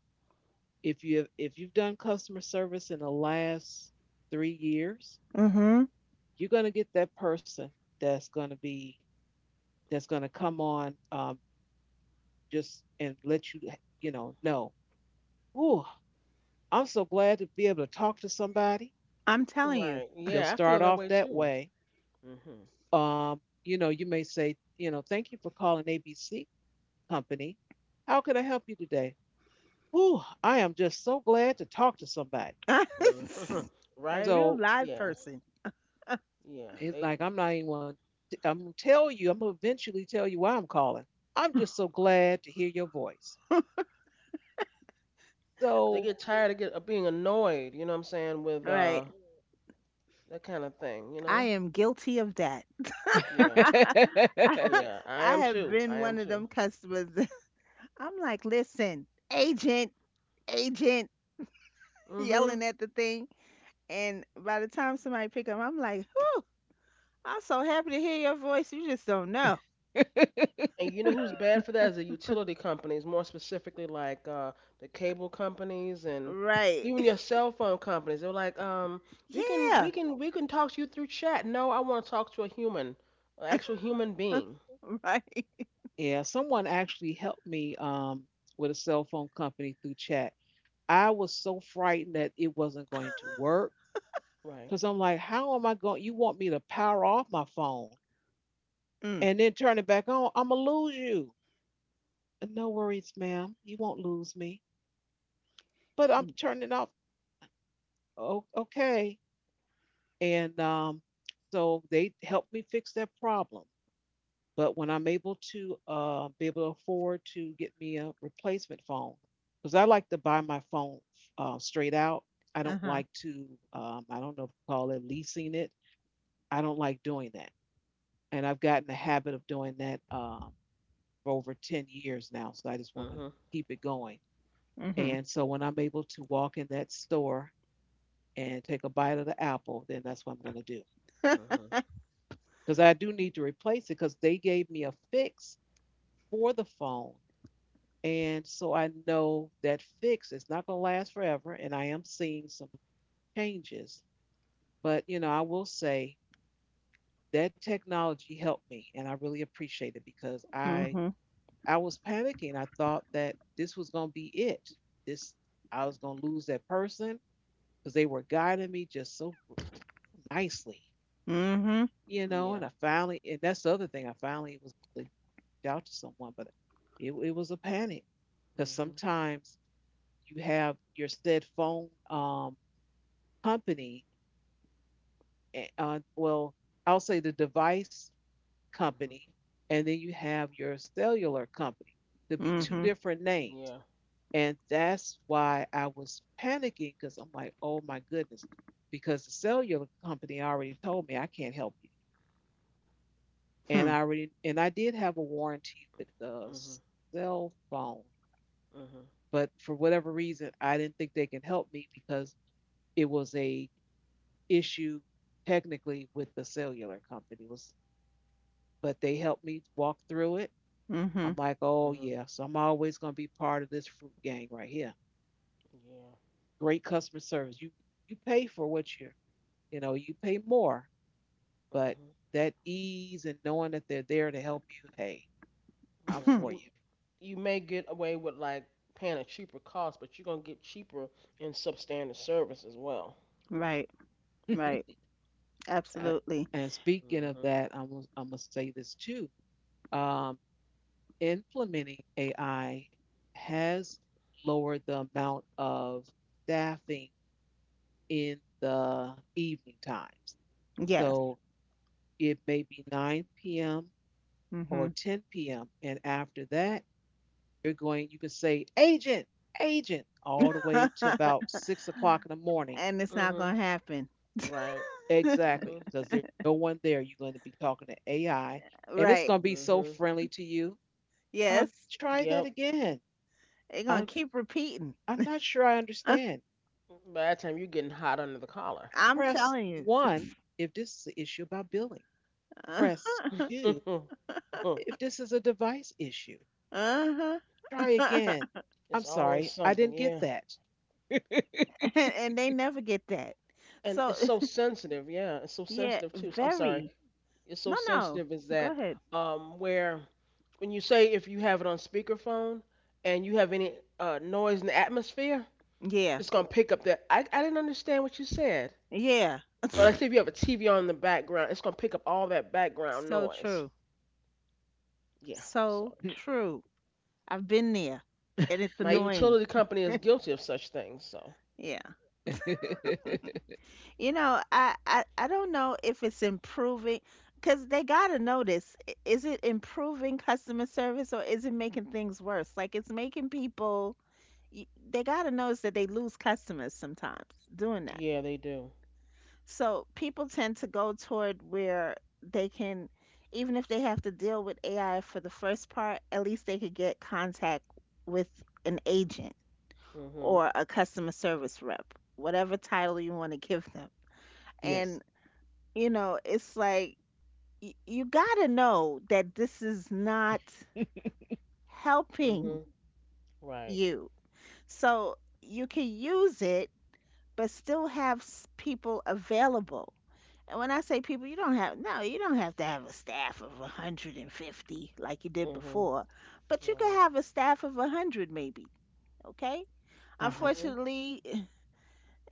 Speaker 1: If you have, if you've done customer service in the last 3 years,
Speaker 3: Mhm.
Speaker 1: you're going to get that person that's going to be that's going to come on, just and let you know. Ooh, I'm so glad to be able to talk to somebody.
Speaker 3: I'm telling you.
Speaker 2: Right.
Speaker 1: They'll
Speaker 2: Yeah, I feel
Speaker 1: start
Speaker 2: that
Speaker 1: off
Speaker 2: way
Speaker 1: that
Speaker 2: too.
Speaker 1: way.
Speaker 2: Mhm.
Speaker 1: You may say, thank you for calling ABC Company. How can I help you today? Ooh, I am just so glad to talk to somebody.
Speaker 3: A
Speaker 2: Mhm. Right?
Speaker 3: real
Speaker 1: So.
Speaker 3: live
Speaker 2: Yeah.
Speaker 3: person.
Speaker 2: Yeah.
Speaker 1: And
Speaker 2: They
Speaker 1: like I'm not anyone. I'm gonna tell you. I'm gonna eventually tell you why I'm calling. I'm just so glad to hear your voice.
Speaker 2: they get
Speaker 1: So.
Speaker 2: tired of of being annoyed, you know what I'm saying, with
Speaker 3: Right.
Speaker 2: that kind of thing, you
Speaker 3: I
Speaker 2: know?
Speaker 3: am guilty of that.
Speaker 2: Yeah.
Speaker 3: I
Speaker 2: Yeah, I am
Speaker 3: have
Speaker 2: too. I
Speaker 3: been
Speaker 2: am
Speaker 3: one of
Speaker 2: too.
Speaker 3: them customers. I'm like, listen, agent, agent,
Speaker 2: Mhm.
Speaker 3: yelling at the thing. And by the time somebody pick up, I'm like, whew, I'm so happy to hear your voice. You just don't know.
Speaker 2: And you know who's bad for that is the utility companies, more specifically like the cable companies and
Speaker 3: Right.
Speaker 2: even your cell phone companies. They're like,
Speaker 3: Yeah.
Speaker 2: we can talk to you through chat. No, I want to talk to a human, an actual human being.
Speaker 3: Right.
Speaker 1: Yeah, someone actually helped me with a cell phone company through chat. I was so frightened that it wasn't going to work
Speaker 2: Right.
Speaker 1: because I'm like, how am I going? You want me to power off my phone
Speaker 3: Mm.
Speaker 1: and then turn it back on? I'm gonna lose you. No worries, ma'am. You won't lose me. But I'm turning off. Oh, okay. And so they helped me fix that problem. But when I'm able to, be able to afford to get me a replacement phone, because I like to buy my phone straight out. I don't
Speaker 3: Uh-huh.
Speaker 1: like to, I don't know if you call it leasing it. I don't like doing that. And I've gotten the habit of doing that, for over 10 years now. So I just want to
Speaker 2: Mhm.
Speaker 1: keep it going.
Speaker 3: Mm-hmm.
Speaker 1: And so when I'm able to walk in that store and take a bite of the apple, then that's what I'm going to do.
Speaker 2: Mhm.
Speaker 1: Because I do need to replace it because they gave me a fix for the phone. And so I know that fix is not going to last forever. And I am seeing some changes. But, you know, I will say that technology helped me. And I really appreciate it because
Speaker 3: Mm-hmm.
Speaker 1: I was panicking. I thought that this was going to be it. This, I was going to lose that person because they were guiding me just so nicely,
Speaker 3: Mm-hmm.
Speaker 1: you know.
Speaker 2: Yeah.
Speaker 1: And I finally, and that's the other thing, I finally was able to out to someone, but it was a panic because
Speaker 2: Mhm.
Speaker 1: sometimes you have your said phone company, well, I'll say the device
Speaker 2: Mhm.
Speaker 1: company, and then you have your cellular company. Could be two
Speaker 3: Mm-hmm.
Speaker 2: Mhm.
Speaker 1: different names.
Speaker 2: Yeah.
Speaker 1: And that's why I was panicking because I'm like, oh my goodness, because the cellular company already told me I can't help you. And I already, and I did have a warranty with the
Speaker 2: Mhm.
Speaker 1: cell phone.
Speaker 2: Mhm.
Speaker 1: But for whatever reason, I didn't think they can help me because it was a issue technically with the cellular company. Was, but they helped me walk through it. I'm
Speaker 3: Hmm.
Speaker 1: like, oh
Speaker 2: Mhm.
Speaker 1: yeah, so I'm always gonna be part of this fruit gang right here.
Speaker 2: Yeah.
Speaker 1: Great customer service. You pay for what you're, you know, you pay more, but
Speaker 2: Mhm.
Speaker 1: that ease and knowing that they're there to help you, hey, I'm
Speaker 2: Yeah.
Speaker 3: Mm-hmm.
Speaker 1: for you.
Speaker 2: You may get away with like paying a cheaper cost, but you're gonna get cheaper in substandard service as well.
Speaker 3: Right. Right.
Speaker 1: I-
Speaker 3: Absolutely.
Speaker 1: and speaking of
Speaker 2: Mhm.
Speaker 1: that, I'm gonna say this too. Um, Implementing AI has lowered the amount of staffing in the evening times.
Speaker 3: Yes.
Speaker 2: Mhm.
Speaker 1: So it may be 9 p.m. or
Speaker 3: Mm-hmm.
Speaker 1: 10 p.m. And after that, you're going, you can say, agent, agent, all the way to about 6 o'clock in the morning.
Speaker 3: And it's not gonna
Speaker 2: Mhm.
Speaker 3: happen.
Speaker 2: Right.
Speaker 1: Exactly,
Speaker 2: Mhm.
Speaker 1: because there's no one there. You're going to be talking to AI, and it's
Speaker 3: Right.
Speaker 1: going to be so
Speaker 2: Mhm.
Speaker 1: friendly to you.
Speaker 3: Yes.
Speaker 1: Try that
Speaker 2: Yep.
Speaker 1: again.
Speaker 3: They're gonna
Speaker 1: I'm,
Speaker 3: keep repeating.
Speaker 1: I'm not sure I understand.
Speaker 2: By that time, you're getting hot under the collar.
Speaker 3: I'm
Speaker 1: Press
Speaker 3: telling you.
Speaker 1: one if this is an issue about billing.
Speaker 3: Uh,
Speaker 1: Press two if this is a device issue.
Speaker 3: uh-huh.
Speaker 1: Try again. I'm
Speaker 2: It's always
Speaker 1: sorry, I
Speaker 2: something,
Speaker 1: didn't get
Speaker 2: yeah.
Speaker 1: that.
Speaker 3: And they never get that.
Speaker 2: And it's
Speaker 3: So
Speaker 2: so sensitive, yeah. It's so
Speaker 3: yeah,
Speaker 2: sensitive too. I'm sorry.
Speaker 3: very.
Speaker 2: It's so
Speaker 3: No, no.
Speaker 2: sensitive is
Speaker 3: Go
Speaker 2: that
Speaker 3: ahead.
Speaker 2: where when you say if you have it on speakerphone and you have any noise in the atmosphere,
Speaker 3: Yeah.
Speaker 2: it's gonna pick up that. I didn't understand what you said.
Speaker 3: Yeah.
Speaker 2: But like, say if you have a TV on in the background, it's gonna pick up all that background
Speaker 3: So
Speaker 2: noise.
Speaker 3: true.
Speaker 2: Yeah. So
Speaker 3: So true. I've been there and it's
Speaker 2: my
Speaker 3: annoying.
Speaker 2: utility company is guilty of such things. So
Speaker 3: Yeah. You know, I don't know if it's improving cuz they got to know this. I- Is it improving customer service or is it making things worse? Like it's making people y- they got to notice that they lose customers sometimes doing.
Speaker 2: yeah, they do.
Speaker 3: So people tend to go toward where they can, even if they have to deal with AI for the first part, at least they could get contact with an agent
Speaker 2: Mhm.
Speaker 3: or a customer service rep, whatever title you want to give them.
Speaker 1: Yes.
Speaker 3: And, you know, it's like y- you got to know that this is not
Speaker 2: Mhm.
Speaker 3: helping
Speaker 2: Right.
Speaker 3: you. So you can use it, but still have s- people available. And when I say people, you don't have no, you don't have to have a staff of 150 like you did
Speaker 2: Mhm.
Speaker 3: before, but you
Speaker 2: Right.
Speaker 3: could have a staff of 100 maybe, okay?
Speaker 1: Uh huh.
Speaker 2: Mhm.
Speaker 3: Unfortunately,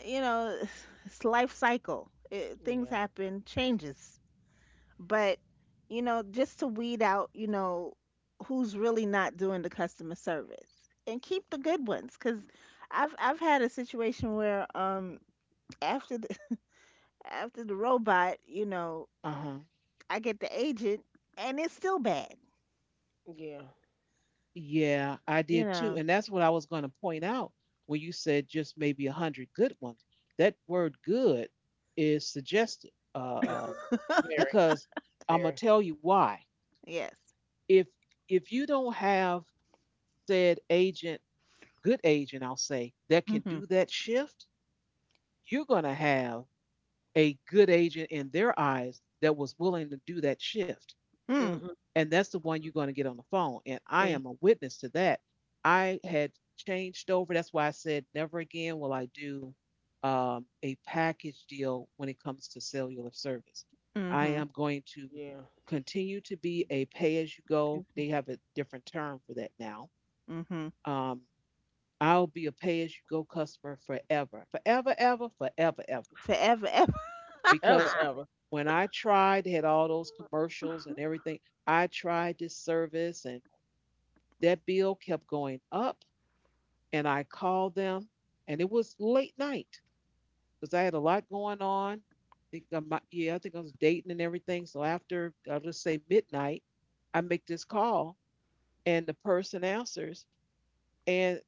Speaker 3: you know, it's life cycle. It, things
Speaker 2: Yeah.
Speaker 3: happen, changes. But, you know, just to weed out, you know, who's really not doing the customer service and keep the good ones cuz I've had a situation where after the after the robot, you know,
Speaker 1: Uh huh.
Speaker 3: I get the agent, and it's still bad.
Speaker 2: Yeah.
Speaker 1: Yeah, I
Speaker 3: You
Speaker 1: did too.
Speaker 3: know.
Speaker 1: And that's what I was going to point out when you said just maybe a hundred good ones. That word good is suggested,
Speaker 2: Mhm. Very.
Speaker 1: because I'm gonna
Speaker 2: Very.
Speaker 1: tell you why.
Speaker 3: Yes.
Speaker 1: If if you don't have said agent, good agent, I'll say, that can
Speaker 3: Mhm.
Speaker 1: do that shift, you're going to have a good agent in their eyes that was willing to do that shift.
Speaker 3: Hmm.
Speaker 2: Mhm.
Speaker 1: And that's the one you're
Speaker 2: Mhm.
Speaker 1: going to get on the phone. And I
Speaker 3: See.
Speaker 1: am a witness to that. I had changed over. That's why I said, never again will I do a package deal when it comes to cellular service. I
Speaker 3: Mhm.
Speaker 1: am going to
Speaker 2: Yeah.
Speaker 1: continue to be a pay as you
Speaker 3: Excuse
Speaker 1: go.
Speaker 3: me.
Speaker 1: They have a different term for that now.
Speaker 3: Mhm.
Speaker 1: Um, I'll be a pay as you go customer forever, forever, ever, forever, ever.
Speaker 3: Forever, ever.
Speaker 2: Forever.
Speaker 1: Because
Speaker 2: Ever.
Speaker 1: when I tried, had all those commercials and everything, I tried this service and that bill kept going up. And I called them, and it was late night because I had a lot going on. I think I was dating and everything. So after, I'll just say midnight, I make this call, and the person answers, and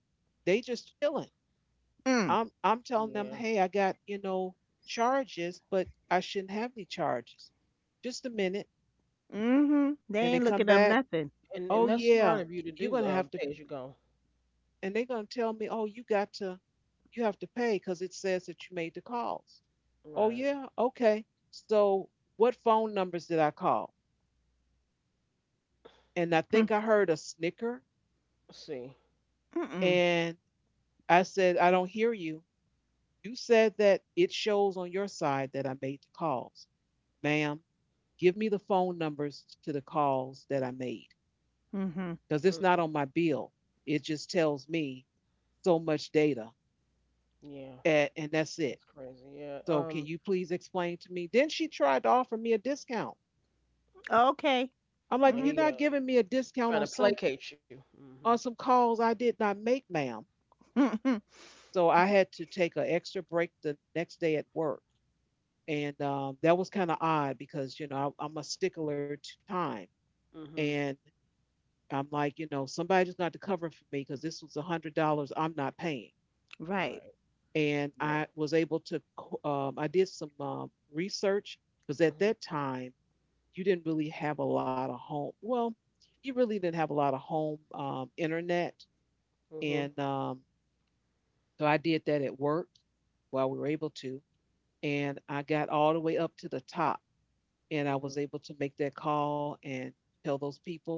Speaker 1: they just chilling.
Speaker 3: Mm.
Speaker 1: I'm telling them,
Speaker 2: Yeah.
Speaker 1: hey, I got, you know, charges, but I shouldn't have any charges. Just a minute.
Speaker 3: Mhm. They
Speaker 1: And they
Speaker 3: ain't
Speaker 1: come
Speaker 3: looking up
Speaker 1: back,
Speaker 3: nothing.
Speaker 2: And
Speaker 1: oh
Speaker 3: Mm.
Speaker 2: that's smart
Speaker 1: yeah,
Speaker 2: of you to
Speaker 1: you're
Speaker 2: do the
Speaker 1: gonna have to
Speaker 2: pay as you go.
Speaker 1: and they're gonna tell me, oh, you have to pay because it says that you made the calls. Oh
Speaker 2: Right.
Speaker 1: yeah, okay. So what phone numbers did I call? And I
Speaker 3: Mm.
Speaker 1: think I heard a snicker
Speaker 2: See.
Speaker 3: Mm.
Speaker 1: and I said, I don't hear you. You said that it shows on your side that I made the calls. Ma'am, give me the phone numbers to the calls that I made
Speaker 3: Mhm.
Speaker 1: because it's not
Speaker 2: Mhm.
Speaker 1: on my bill. It just tells me so much data
Speaker 2: Yeah.
Speaker 1: and that's it.
Speaker 2: That's crazy. Yeah.
Speaker 1: So can you please explain to me? Then she tried to offer me a discount.
Speaker 3: Okay.
Speaker 1: I'm like,
Speaker 2: Oh
Speaker 1: you're
Speaker 3: Mhm.
Speaker 2: yeah.
Speaker 1: not giving me a discount
Speaker 2: Trying to
Speaker 1: on some,
Speaker 2: placate you. Mhm.
Speaker 1: on some calls I did not make, ma'am.
Speaker 3: Mhm.
Speaker 1: So I had to take an extra break the next day at work, and that was kind of odd because you know I'm a stickler to time,
Speaker 2: Mhm.
Speaker 1: and I'm like, you know, somebody just got to cover for me because this was $100 I'm not paying.
Speaker 3: Right.
Speaker 2: Right.
Speaker 1: And
Speaker 2: Yeah.
Speaker 1: I was able to, I did some research because at
Speaker 2: Mhm.
Speaker 1: that time you didn't really have a lot of home. Well, you really didn't have a lot of home internet,
Speaker 2: Mhm.
Speaker 1: and so I did that at work while we were able to, and I got all the way up to the top. And I was
Speaker 2: Mhm.
Speaker 1: able to make that call and tell those people,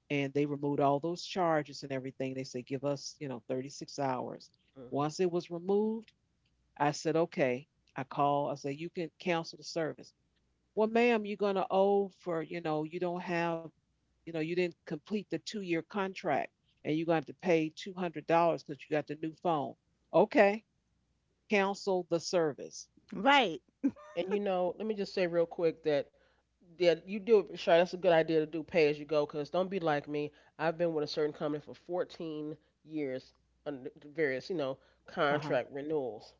Speaker 1: and they removed all those charges and everything. They said, give us, you know, 36 hours. Once
Speaker 2: Hmm.
Speaker 1: it was removed, I said, okay. I called. I said, you can cancel the service. Well, ma'am, you're gonna owe for, you know, you don't have, you know, you didn't complete the two-year contract, and you're gonna have to pay $200 because you got the new phone. Okay, cancel the service.
Speaker 3: Right.
Speaker 2: And you know, let me just say real quick that yeah, you do it, sure. That's a good idea to do pay as you go, cause don't be like me. I've been with a certain company for 14 years under various, you know,
Speaker 1: Uh huh.
Speaker 2: contract renewals.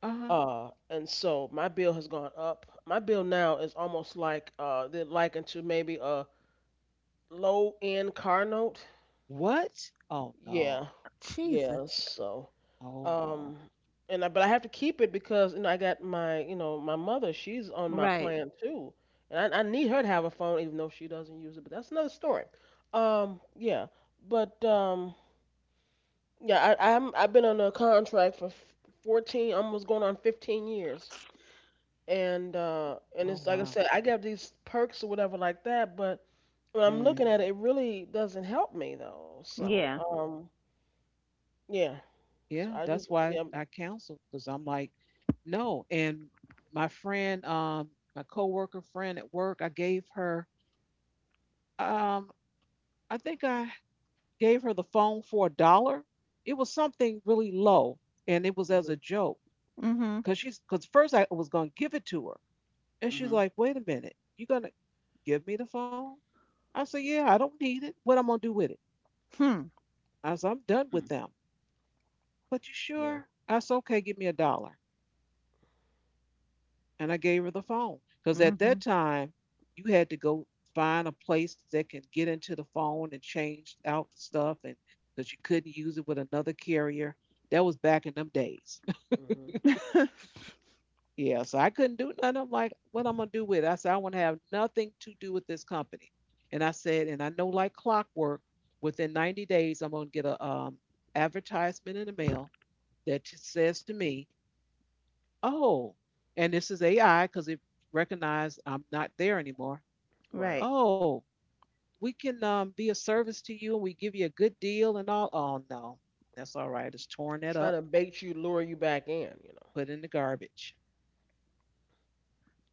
Speaker 1: Uh huh.
Speaker 2: And so my bill has gone up. My bill now is almost like they're likened to maybe a low end car note.
Speaker 1: What? Oh no.
Speaker 2: Yeah, yeah.
Speaker 3: Jesus.
Speaker 2: So
Speaker 1: Oh no.
Speaker 2: Um, and I, but I have to keep it because you know I got my you know my mother. She's on my
Speaker 3: Right.
Speaker 2: plan too, and I need her to have a phone even though she doesn't use it. But that's another story. Yeah, but yeah, I've been on a contract for 14, almost going on 15 years, and
Speaker 1: Oh
Speaker 2: it's like I
Speaker 1: wow.
Speaker 2: said, I got these perks or whatever like that, but when I'm
Speaker 1: Hmm.
Speaker 2: looking at it, it really doesn't help me though. So
Speaker 3: Yeah.
Speaker 2: yeah, so
Speaker 1: Yeah,
Speaker 2: I
Speaker 1: that's why I counseled because I'm like, no. And my friend, my coworker friend at work, I gave her, um, I think I gave her the phone for a dollar. It was something really low, and it was
Speaker 2: mm-hmm,
Speaker 1: as a joke
Speaker 3: Mhm.
Speaker 1: because she's because first I was gonna give it to her, and she's like, wait a minute, you gonna give me the phone? I said, yeah, I don't need it. What I'm gonna do with it?
Speaker 3: Hmm.
Speaker 1: I said, I'm done
Speaker 2: hmm
Speaker 1: with them. But you
Speaker 2: yeah.
Speaker 1: sure? I said, okay, give me a dollar. And I gave her the phone because at that
Speaker 3: Mhm.
Speaker 1: time you had to go find a place that can get into the phone and change out the stuff and because you couldn't use it with another carrier. That was back in them days.
Speaker 2: Hmm.
Speaker 1: Yeah, so I couldn't do nothing. I'm like, what I'm gonna do with it? I said I want to have nothing to do with this company. And I said, and I know like clockwork, within 90 days I'm gonna get a, advertisement in the mail that says to me, oh, and this is AI because it recognized I'm not there anymore.
Speaker 2: Right.
Speaker 3: Right.
Speaker 1: Oh, we can, be a service to you and we give you a good deal and all. Oh, no, that's all right. It's torn that
Speaker 2: Trying
Speaker 1: up,
Speaker 2: to bait you, lure you back in. You know.
Speaker 1: put it in the garbage.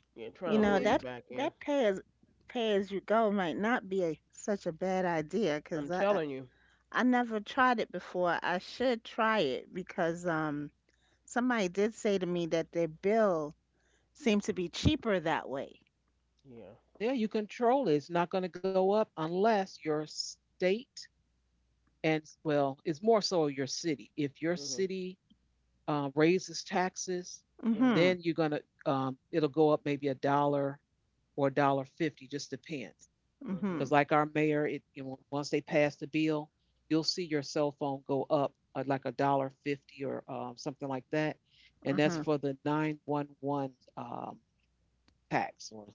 Speaker 2: Yeah, trying to
Speaker 3: You
Speaker 1: Oh,
Speaker 2: lure
Speaker 3: know,
Speaker 2: you
Speaker 1: yeah.
Speaker 3: that
Speaker 2: back in.
Speaker 3: that pay as pay as you go might not be a, such a bad idea
Speaker 2: I'm
Speaker 3: because I
Speaker 2: telling you.
Speaker 3: I never tried it before. I should try it because somebody did say to me that their bill seemed to be cheaper that way.
Speaker 2: Yeah.
Speaker 1: Yeah, you control it. It's not going to go up unless your state, well, it's more so your city. If your
Speaker 2: Mhm.
Speaker 1: city raises taxes,
Speaker 2: Mhm.
Speaker 3: Mm-hmm.
Speaker 1: then you're going to, it'll go up maybe a dollar or a dollar 50, just depends. Because,
Speaker 3: Mm-hmm.
Speaker 2: Mhm.
Speaker 1: like our mayor, it, you know, once they pass the bill, you'll see your cell phone go up at like a dollar 50 or, something like that, and that's
Speaker 3: Uh-huh.
Speaker 2: Mhm.
Speaker 1: for the 911 tax or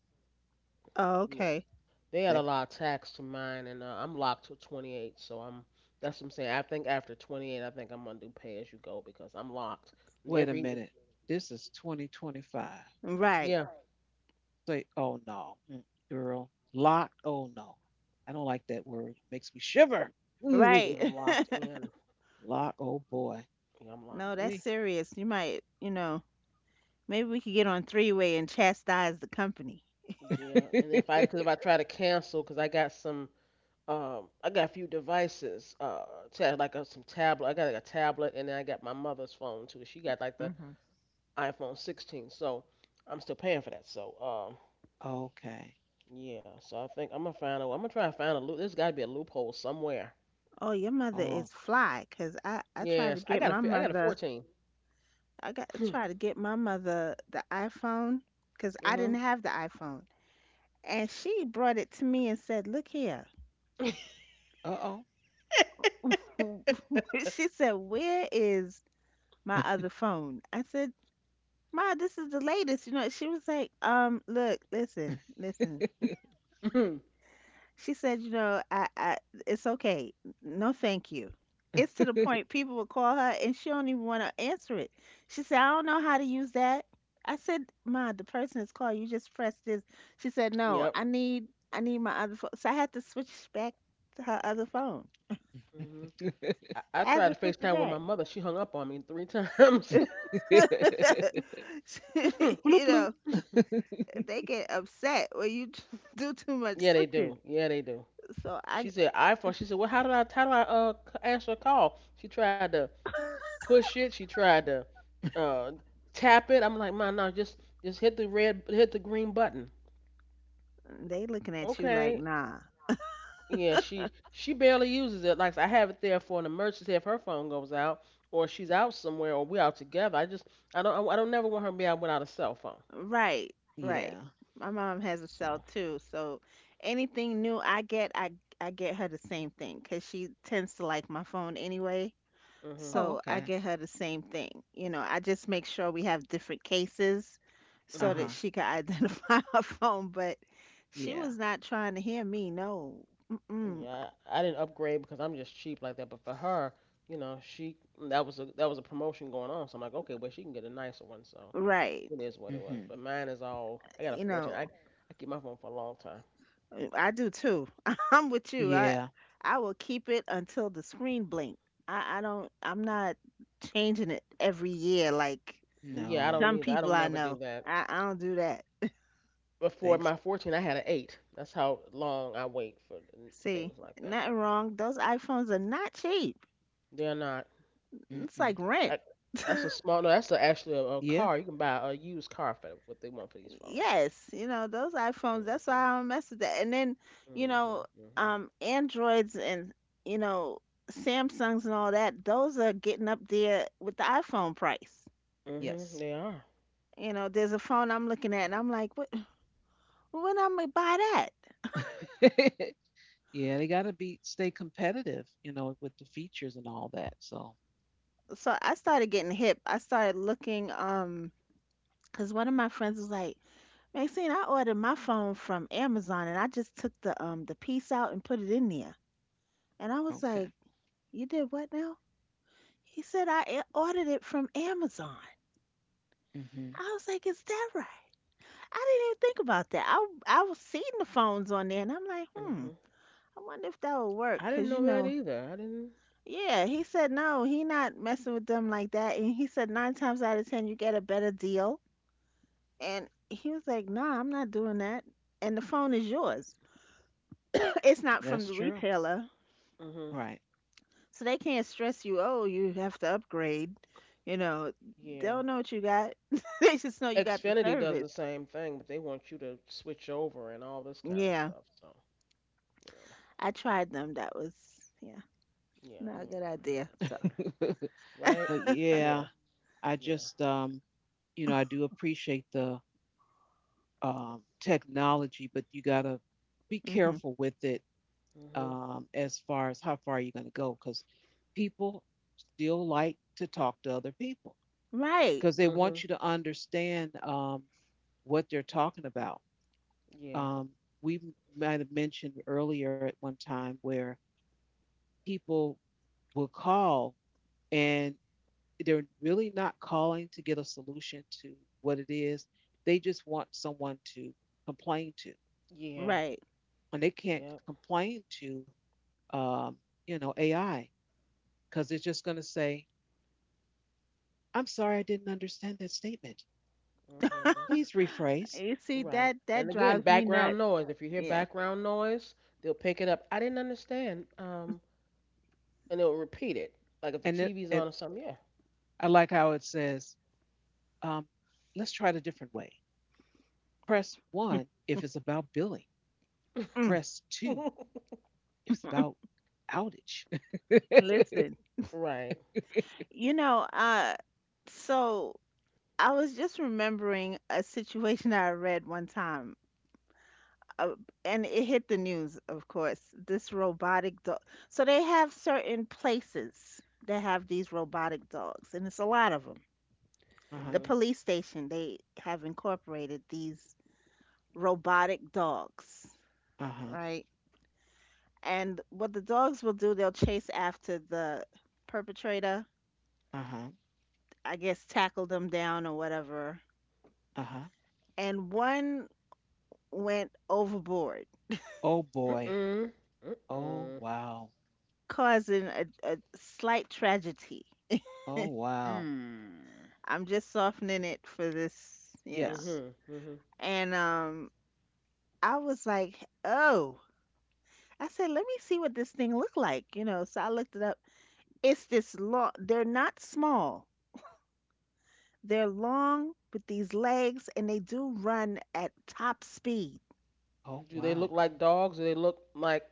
Speaker 3: Oh,
Speaker 2: Yeah.
Speaker 3: okay.
Speaker 2: They
Speaker 1: that.
Speaker 2: had a lot of tax to mine, and I'm locked till 28. So I'm. That's what I'm saying. I think after 28, I think I'm gonna do pay as you go because I'm locked. And
Speaker 1: Wait a
Speaker 2: every.
Speaker 1: minute, this is 2025.
Speaker 3: Right.
Speaker 2: Yeah.
Speaker 1: Say, oh no, mm, girl, locked. Oh no, I don't like that word. It makes me shiver. Ooh,
Speaker 2: Yeah, I'm
Speaker 3: Right.
Speaker 2: locked in.
Speaker 1: lock. Oh boy.
Speaker 2: Yeah, I'm locked
Speaker 3: No,
Speaker 2: in.
Speaker 3: that's
Speaker 1: We.
Speaker 3: serious. You might, you know, maybe we could get on three-way and chastise the company.
Speaker 2: Yeah, and if I because if I try to cancel, because I got some. I got a few devices. Like a, some tablet. I got like a tablet, and then I got my mother's phone too. She got like the
Speaker 3: Hmm.
Speaker 2: iPhone 16, so I'm still paying for that. So,
Speaker 1: Okay.
Speaker 2: yeah. So I think I'm gonna find a. I'm gonna try and find a loop. There's got to be a loophole somewhere.
Speaker 3: Oh, your mother
Speaker 1: Oh.
Speaker 3: is fly, 'cause I tried to
Speaker 2: Yes, I
Speaker 3: get
Speaker 2: got a.
Speaker 3: my
Speaker 2: I got a
Speaker 3: mother.
Speaker 2: 14.
Speaker 3: I got to try to get my mother the iPhone because I didn't
Speaker 2: Mhm.
Speaker 3: have the iPhone. And she brought it to me and said, "Look here."
Speaker 1: Uh oh.
Speaker 3: She said, "Where is my other phone?" I said, "Ma, this is the latest." You know, she was like, "Um, look, listen, listen." She said, "You know, I it's okay. No, thank you." It's to the point people will call her and she don't even want to answer it. She said, "I don't know how to use that." I said, "Ma, the person is calling. You just press this." She said, "No,
Speaker 2: Yep.
Speaker 3: I need my other phone." So I had to switch back to her other phone.
Speaker 2: Mhm. I
Speaker 3: I had
Speaker 2: tried
Speaker 3: to
Speaker 2: to
Speaker 3: switch it
Speaker 2: FaceTime with my
Speaker 3: back.
Speaker 2: mother. She hung up on me three times.
Speaker 3: She-
Speaker 1: Bloop
Speaker 3: you
Speaker 1: bloop.
Speaker 3: know, they get upset when you do too much
Speaker 2: Yeah, they
Speaker 3: switching.
Speaker 2: do. Yeah, they do.
Speaker 3: So I,
Speaker 2: She said iPhone. She said, "Well, how did I? How do I answer a call?" She tried to push it. She tried to uh, tap it. I'm like, man, no, just hit the red, hit the green button.
Speaker 3: they looking at you like,
Speaker 2: Okay.
Speaker 3: nah.
Speaker 2: Yeah, she barely uses it. Like I have it there for an emergency if her phone goes out, or she's out somewhere, or we're out together. I just I don't never want her to be out without a cell phone.
Speaker 3: Right, right.
Speaker 1: Yeah.
Speaker 3: My mom has a cell
Speaker 2: So.
Speaker 3: too, so anything new I get, I get her the same thing because she tends to like my phone anyway.
Speaker 2: Mhm.
Speaker 1: Oh,
Speaker 3: So I
Speaker 1: okay.
Speaker 3: get her the same thing. You know, I just make sure we have different cases so that
Speaker 2: Mhm.
Speaker 1: Uh-huh.
Speaker 3: she can identify her phone. But she
Speaker 1: Yeah.
Speaker 3: was not trying to hear me. No. Mm-mm.
Speaker 2: Yeah, I didn't upgrade because I'm just cheap like that. But for her, you know, she that was a promotion going on. So I'm like, okay, well she can get a nicer one. So
Speaker 3: Right.
Speaker 2: it is what it was.
Speaker 1: Mm-hmm.
Speaker 2: But mine is all I got a
Speaker 3: You
Speaker 2: 14. I
Speaker 3: know.
Speaker 2: I keep my phone for a long time.
Speaker 3: I do too. I'm with you.
Speaker 1: Yeah.
Speaker 3: I will keep it until the screen blink. I'm not changing it every year like
Speaker 2: Yeah, I
Speaker 1: No.
Speaker 2: don't
Speaker 3: some
Speaker 2: either. I don't
Speaker 3: people I
Speaker 2: never do
Speaker 3: know.
Speaker 2: that.
Speaker 3: I don't do that.
Speaker 2: But for my
Speaker 1: Thanks.
Speaker 2: 14, I had an 8. That's how long I wait for
Speaker 3: See,
Speaker 2: things like that.
Speaker 3: nothing wrong. Those iPhones are not cheap.
Speaker 2: They're not.
Speaker 3: It's
Speaker 1: Mm-mm.
Speaker 3: like rent.
Speaker 2: I, that's a small. No, that's a, actually a
Speaker 1: Yeah.
Speaker 2: car. You can buy a used car for what they want for these phones.
Speaker 3: Yes, you know, those iPhones, that's why
Speaker 2: Mhm.
Speaker 3: I don't mess with that. And then, you know,
Speaker 2: Mhm.
Speaker 3: Androids and you know, Samsungs and all that, those are getting up there with the iPhone price.
Speaker 2: Mhm. Mhm.
Speaker 1: Yes.
Speaker 2: They are.
Speaker 3: You know, there's a phone I'm looking at, and I'm like, what? When I'm gonna buy that?
Speaker 1: Yeah, they gotta be stay competitive, you know, with the features and all that. So,
Speaker 3: So I started getting hip. I started looking, cause one of my friends was like, "Maxine, I ordered my phone from Amazon, and I just took the piece out and put it in there." And I was
Speaker 1: okay.
Speaker 3: like, "You did what now?" He said, "I a- ordered it from Amazon."
Speaker 1: Hmm.
Speaker 3: I was like, "Is that right?" I didn't even think about that. I was seeing the phones on there, and I'm like, hmm,
Speaker 2: Mhm.
Speaker 3: I wonder if that would work,
Speaker 2: I didn't
Speaker 3: cause you
Speaker 2: know that
Speaker 3: know.
Speaker 2: either. I didn't.
Speaker 3: Yeah, he said no, he not messing with them like that. And he said nine times out of ten you get a better deal. And he was like, "Nah, I'm not doing that. And the phone is yours." It's not
Speaker 1: That's
Speaker 3: from the
Speaker 1: true.
Speaker 3: retailer.
Speaker 2: Mhm.
Speaker 1: Right.
Speaker 3: So they can't stress you, oh, you have to upgrade. You know, they
Speaker 2: Yeah.
Speaker 3: don't know what you got. They just know you got the
Speaker 2: Xfinity does
Speaker 3: service.
Speaker 2: the same thing, but they want you to switch over and all this kind of
Speaker 3: Yeah.
Speaker 2: stuff. So. You know.
Speaker 3: I tried them. That was yeah, not a good
Speaker 2: Yeah.
Speaker 3: idea. So
Speaker 2: yeah. Right?
Speaker 1: But yeah,
Speaker 2: Yeah.
Speaker 1: I
Speaker 2: Yeah.
Speaker 1: just I do appreciate the technology, but you gotta be
Speaker 3: hmm
Speaker 1: careful with it
Speaker 2: Mhm.
Speaker 1: as far as how far you're gonna go, 'cause people still like to talk to other people
Speaker 3: right.
Speaker 1: because they want
Speaker 2: Mhm.
Speaker 1: you to understand what they're talking about.
Speaker 2: Yeah.
Speaker 1: Um, we might have mentioned earlier at one time where people will call and they're really not calling to get a solution to what it is. They just want someone to complain to,
Speaker 2: Yeah.
Speaker 3: Right.
Speaker 1: and they can't
Speaker 2: Yep.
Speaker 1: complain to, um, AI because it's just going to say, "I'm sorry, I didn't understand that statement.
Speaker 2: Mhm.
Speaker 1: Please rephrase."
Speaker 3: You see
Speaker 2: Right.
Speaker 3: that
Speaker 2: And
Speaker 3: that
Speaker 2: again,
Speaker 3: drives me
Speaker 2: background
Speaker 3: nuts.
Speaker 2: noise. If you hear
Speaker 3: Yeah.
Speaker 2: background noise, they'll pick it up. I didn't understand. And they'll repeat it. Like if the
Speaker 1: and it,
Speaker 2: TV's
Speaker 1: it
Speaker 2: on or something. Yeah.
Speaker 1: I like how it says, um, let's try it a different way. Press one if it's about billing.
Speaker 3: Mm.
Speaker 1: Press two if it's about outage.
Speaker 3: Listen.
Speaker 2: right.
Speaker 3: You know, so I was just remembering a situation I read one time, uh, and it hit the news, of course. This robotic dog. So they have certain places that have these robotic dogs, and it's a lot of them.
Speaker 1: Uh
Speaker 3: The
Speaker 1: huh.
Speaker 2: Mhm.
Speaker 3: police station, they have incorporated these robotic dogs,
Speaker 1: Uh huh.
Speaker 3: right? And what the dogs will do, they'll chase after the perpetrator,
Speaker 1: Uh-huh.
Speaker 3: I guess tackle them down or whatever.
Speaker 1: Uh-huh.
Speaker 3: And one went overboard,
Speaker 1: Oh boy.
Speaker 2: Mm.
Speaker 1: Oh
Speaker 2: Mm.
Speaker 1: wow.
Speaker 3: causing a slight tragedy.
Speaker 1: Oh wow.
Speaker 2: Mm.
Speaker 3: I'm just softening it for this, you know.
Speaker 1: Yes.
Speaker 2: Mhm. Mhm.
Speaker 3: And I was like, oh, I said, let me see what this thing looked like, you know. So I looked it up. It's this long. They're not small. They're long with these legs, and they do run at top speed.
Speaker 1: Oh
Speaker 2: Do they look
Speaker 1: wow.
Speaker 2: like dogs? Do they look like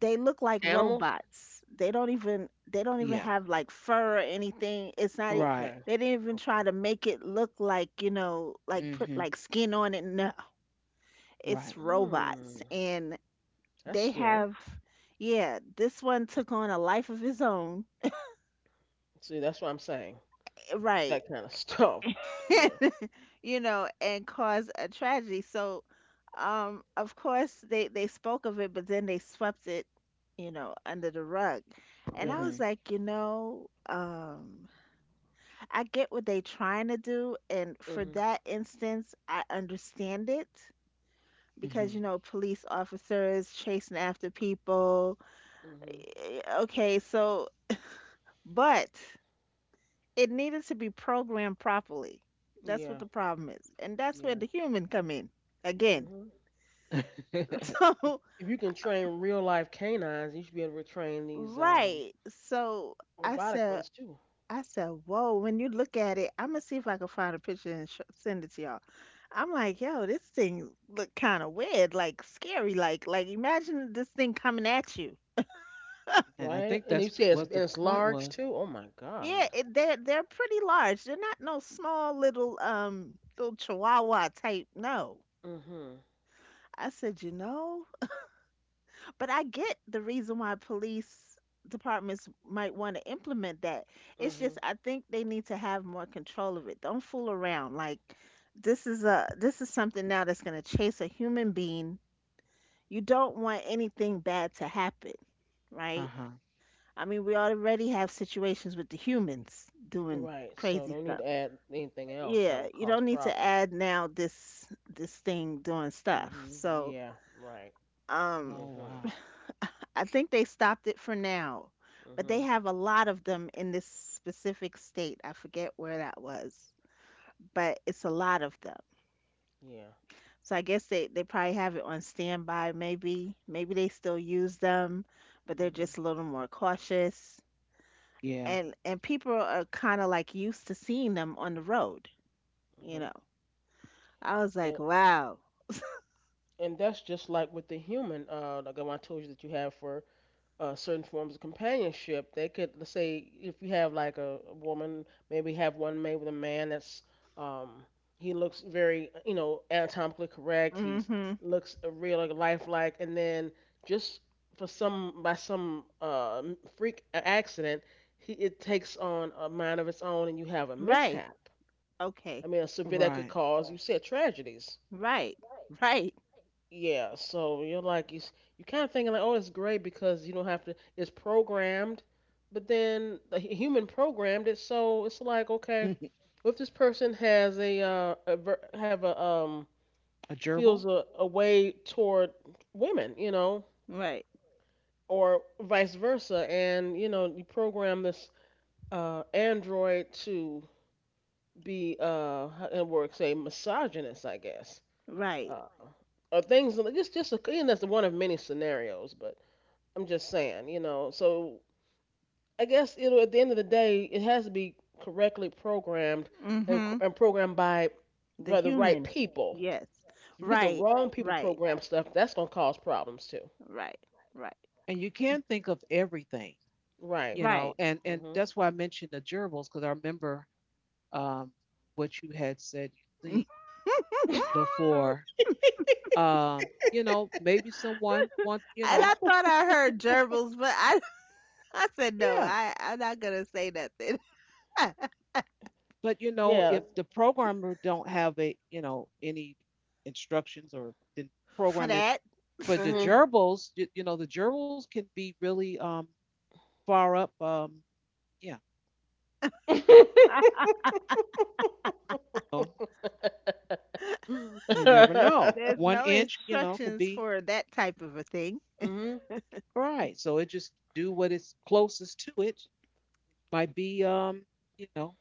Speaker 3: They look like
Speaker 2: animals?
Speaker 3: robots. They don't even
Speaker 1: Yeah.
Speaker 3: have like fur or anything. It's not e-
Speaker 1: Right.
Speaker 2: Okay.
Speaker 3: they didn't even
Speaker 2: Okay.
Speaker 3: try to make it look like, you know, like put
Speaker 1: Mm-hmm.
Speaker 3: like skin on it. No. It's
Speaker 1: Right.
Speaker 2: Hmm.
Speaker 3: robots and
Speaker 2: That's
Speaker 3: they
Speaker 2: scary.
Speaker 3: have yeah, this one took on a life of his own.
Speaker 2: See, that's what I'm saying.
Speaker 3: Right.
Speaker 2: That kind of stuff. Yeah,
Speaker 3: You know, and caused a tragedy. So of course they spoke of it but then they swept it, you know, under the rug. And I
Speaker 2: really.
Speaker 3: was
Speaker 1: Mm-hmm.
Speaker 3: like, I get what they trying to do, and for
Speaker 2: Mhm.
Speaker 3: that instance, I understand it because
Speaker 1: Mm-hmm.
Speaker 3: you know police officers chasing after people.
Speaker 2: Mhm.
Speaker 3: Okay, so but it needed to be programmed properly. That's what
Speaker 2: Yeah.
Speaker 3: the problem is, and that's where
Speaker 2: Yeah.
Speaker 3: the human come in again.
Speaker 2: Mhm. I- If
Speaker 3: So
Speaker 2: if you can train real life canines, you should be able to train these
Speaker 3: right, so I
Speaker 2: robotic
Speaker 3: said.
Speaker 2: ones too,
Speaker 3: I said, whoa, when you look at it, I'm gonna see if I can find a picture and send it to y'all. I'm like, yo, this thing look kind of weird, like scary, like imagine this thing coming at you.
Speaker 1: And I think
Speaker 2: right? And
Speaker 1: that's
Speaker 2: you say
Speaker 1: what the
Speaker 2: it's
Speaker 1: point
Speaker 2: large
Speaker 1: was.
Speaker 2: too. Oh my
Speaker 3: Yeah,
Speaker 2: God.
Speaker 3: it, they're pretty large. They're not no small little little chihuahua type. No,
Speaker 2: Mhm.
Speaker 3: I said, you know, but I get the reason why police departments might want to implement that. It's
Speaker 2: Mhm.
Speaker 3: just I think they need to have more control of it. Don't fool around. Like this is something now that's gonna chase a human being, you don't want anything bad to happen, right?
Speaker 1: Uh-huh.
Speaker 3: I mean, we already have situations with the humans doing
Speaker 2: Right. So
Speaker 3: crazy
Speaker 2: don't need
Speaker 3: stuff.
Speaker 2: to add anything else that
Speaker 3: Yeah,
Speaker 2: will
Speaker 3: you
Speaker 2: cause
Speaker 3: don't need to
Speaker 2: problems.
Speaker 3: add now this thing doing stuff.
Speaker 2: Mhm.
Speaker 3: So,
Speaker 2: Yeah. Right.
Speaker 3: um
Speaker 1: Oh
Speaker 2: Mhm.
Speaker 1: wow.
Speaker 3: I think they stopped it for now, but they
Speaker 2: Mhm.
Speaker 3: have a lot of them in this specific state. I forget where that was, but it's a lot of them.
Speaker 2: Yeah.
Speaker 3: So I guess they probably have it on standby maybe. Maybe they still use them, but they're
Speaker 2: Mhm.
Speaker 3: just a little more cautious.
Speaker 1: Yeah.
Speaker 2: Right.
Speaker 3: And people are kind of like used to seeing them on the road, you
Speaker 2: Mhm.
Speaker 3: know, I was like, wow.
Speaker 2: And that's just like with the human, like I told you that you have for certain forms of companionship. They could, let's say, if you have like a woman, maybe have one made with a man that's, um, he looks very, you know, anatomically correct. He's
Speaker 3: Mm-hmm.
Speaker 2: looks real, like lifelike, and then just for some by some freak accident, he it takes on a mind of its own, and you have a
Speaker 3: Right.
Speaker 2: mishap. I
Speaker 3: Okay.
Speaker 2: mean, a severe that could
Speaker 1: Right.
Speaker 2: cause, you said, tragedies.
Speaker 3: Right, right,
Speaker 2: Yeah, so you're like you kind of thinking like, oh, it's great because you don't have to. It's programmed, but then the human programmed it, so it's like, okay,
Speaker 1: A
Speaker 2: if this person has a ver have a
Speaker 1: gerbil.
Speaker 2: feels a way toward women, you know,
Speaker 3: right,
Speaker 2: or vice versa, and you know, you program this android to be it works a misogynist, I guess,
Speaker 3: right.
Speaker 2: uh, or things like and that's one of many scenarios, I'm just saying, you know. So I guess it'll at the end of the day, it has to be correctly programmed and
Speaker 3: Mm-hmm.
Speaker 2: and programmed by
Speaker 3: The
Speaker 2: the right
Speaker 3: human.
Speaker 2: people.
Speaker 3: Yes.
Speaker 2: 'Cause if you get the
Speaker 3: Right,
Speaker 2: wrong people to
Speaker 3: right,
Speaker 2: program stuff, that's gonna cause problems too.
Speaker 3: right, right,
Speaker 1: And you can think of everything, you
Speaker 2: Right.
Speaker 1: know,
Speaker 3: right.
Speaker 1: and
Speaker 2: Mhm.
Speaker 1: that's why I mentioned the gerbils because I remember um what you had said you seen
Speaker 3: And
Speaker 1: before, you know, maybe someone want,
Speaker 3: I thought I heard gerbils, but I I said, no,
Speaker 1: yeah.
Speaker 3: I'm not gonna say nothing.
Speaker 1: But you know,
Speaker 2: Yeah.
Speaker 1: if the programmer don't have, a any instructions or didn't
Speaker 3: For
Speaker 1: program it
Speaker 3: that.
Speaker 1: But the
Speaker 2: Mhm.
Speaker 1: gerbils, you know, the gerbils can be really far up, yeah. So you never know,
Speaker 3: There's
Speaker 1: one
Speaker 3: no
Speaker 1: inch, you know, could
Speaker 3: instructions
Speaker 1: be
Speaker 3: for that type of a thing.
Speaker 2: mhm.
Speaker 1: right. So it just do what is closest to it, might be, you know,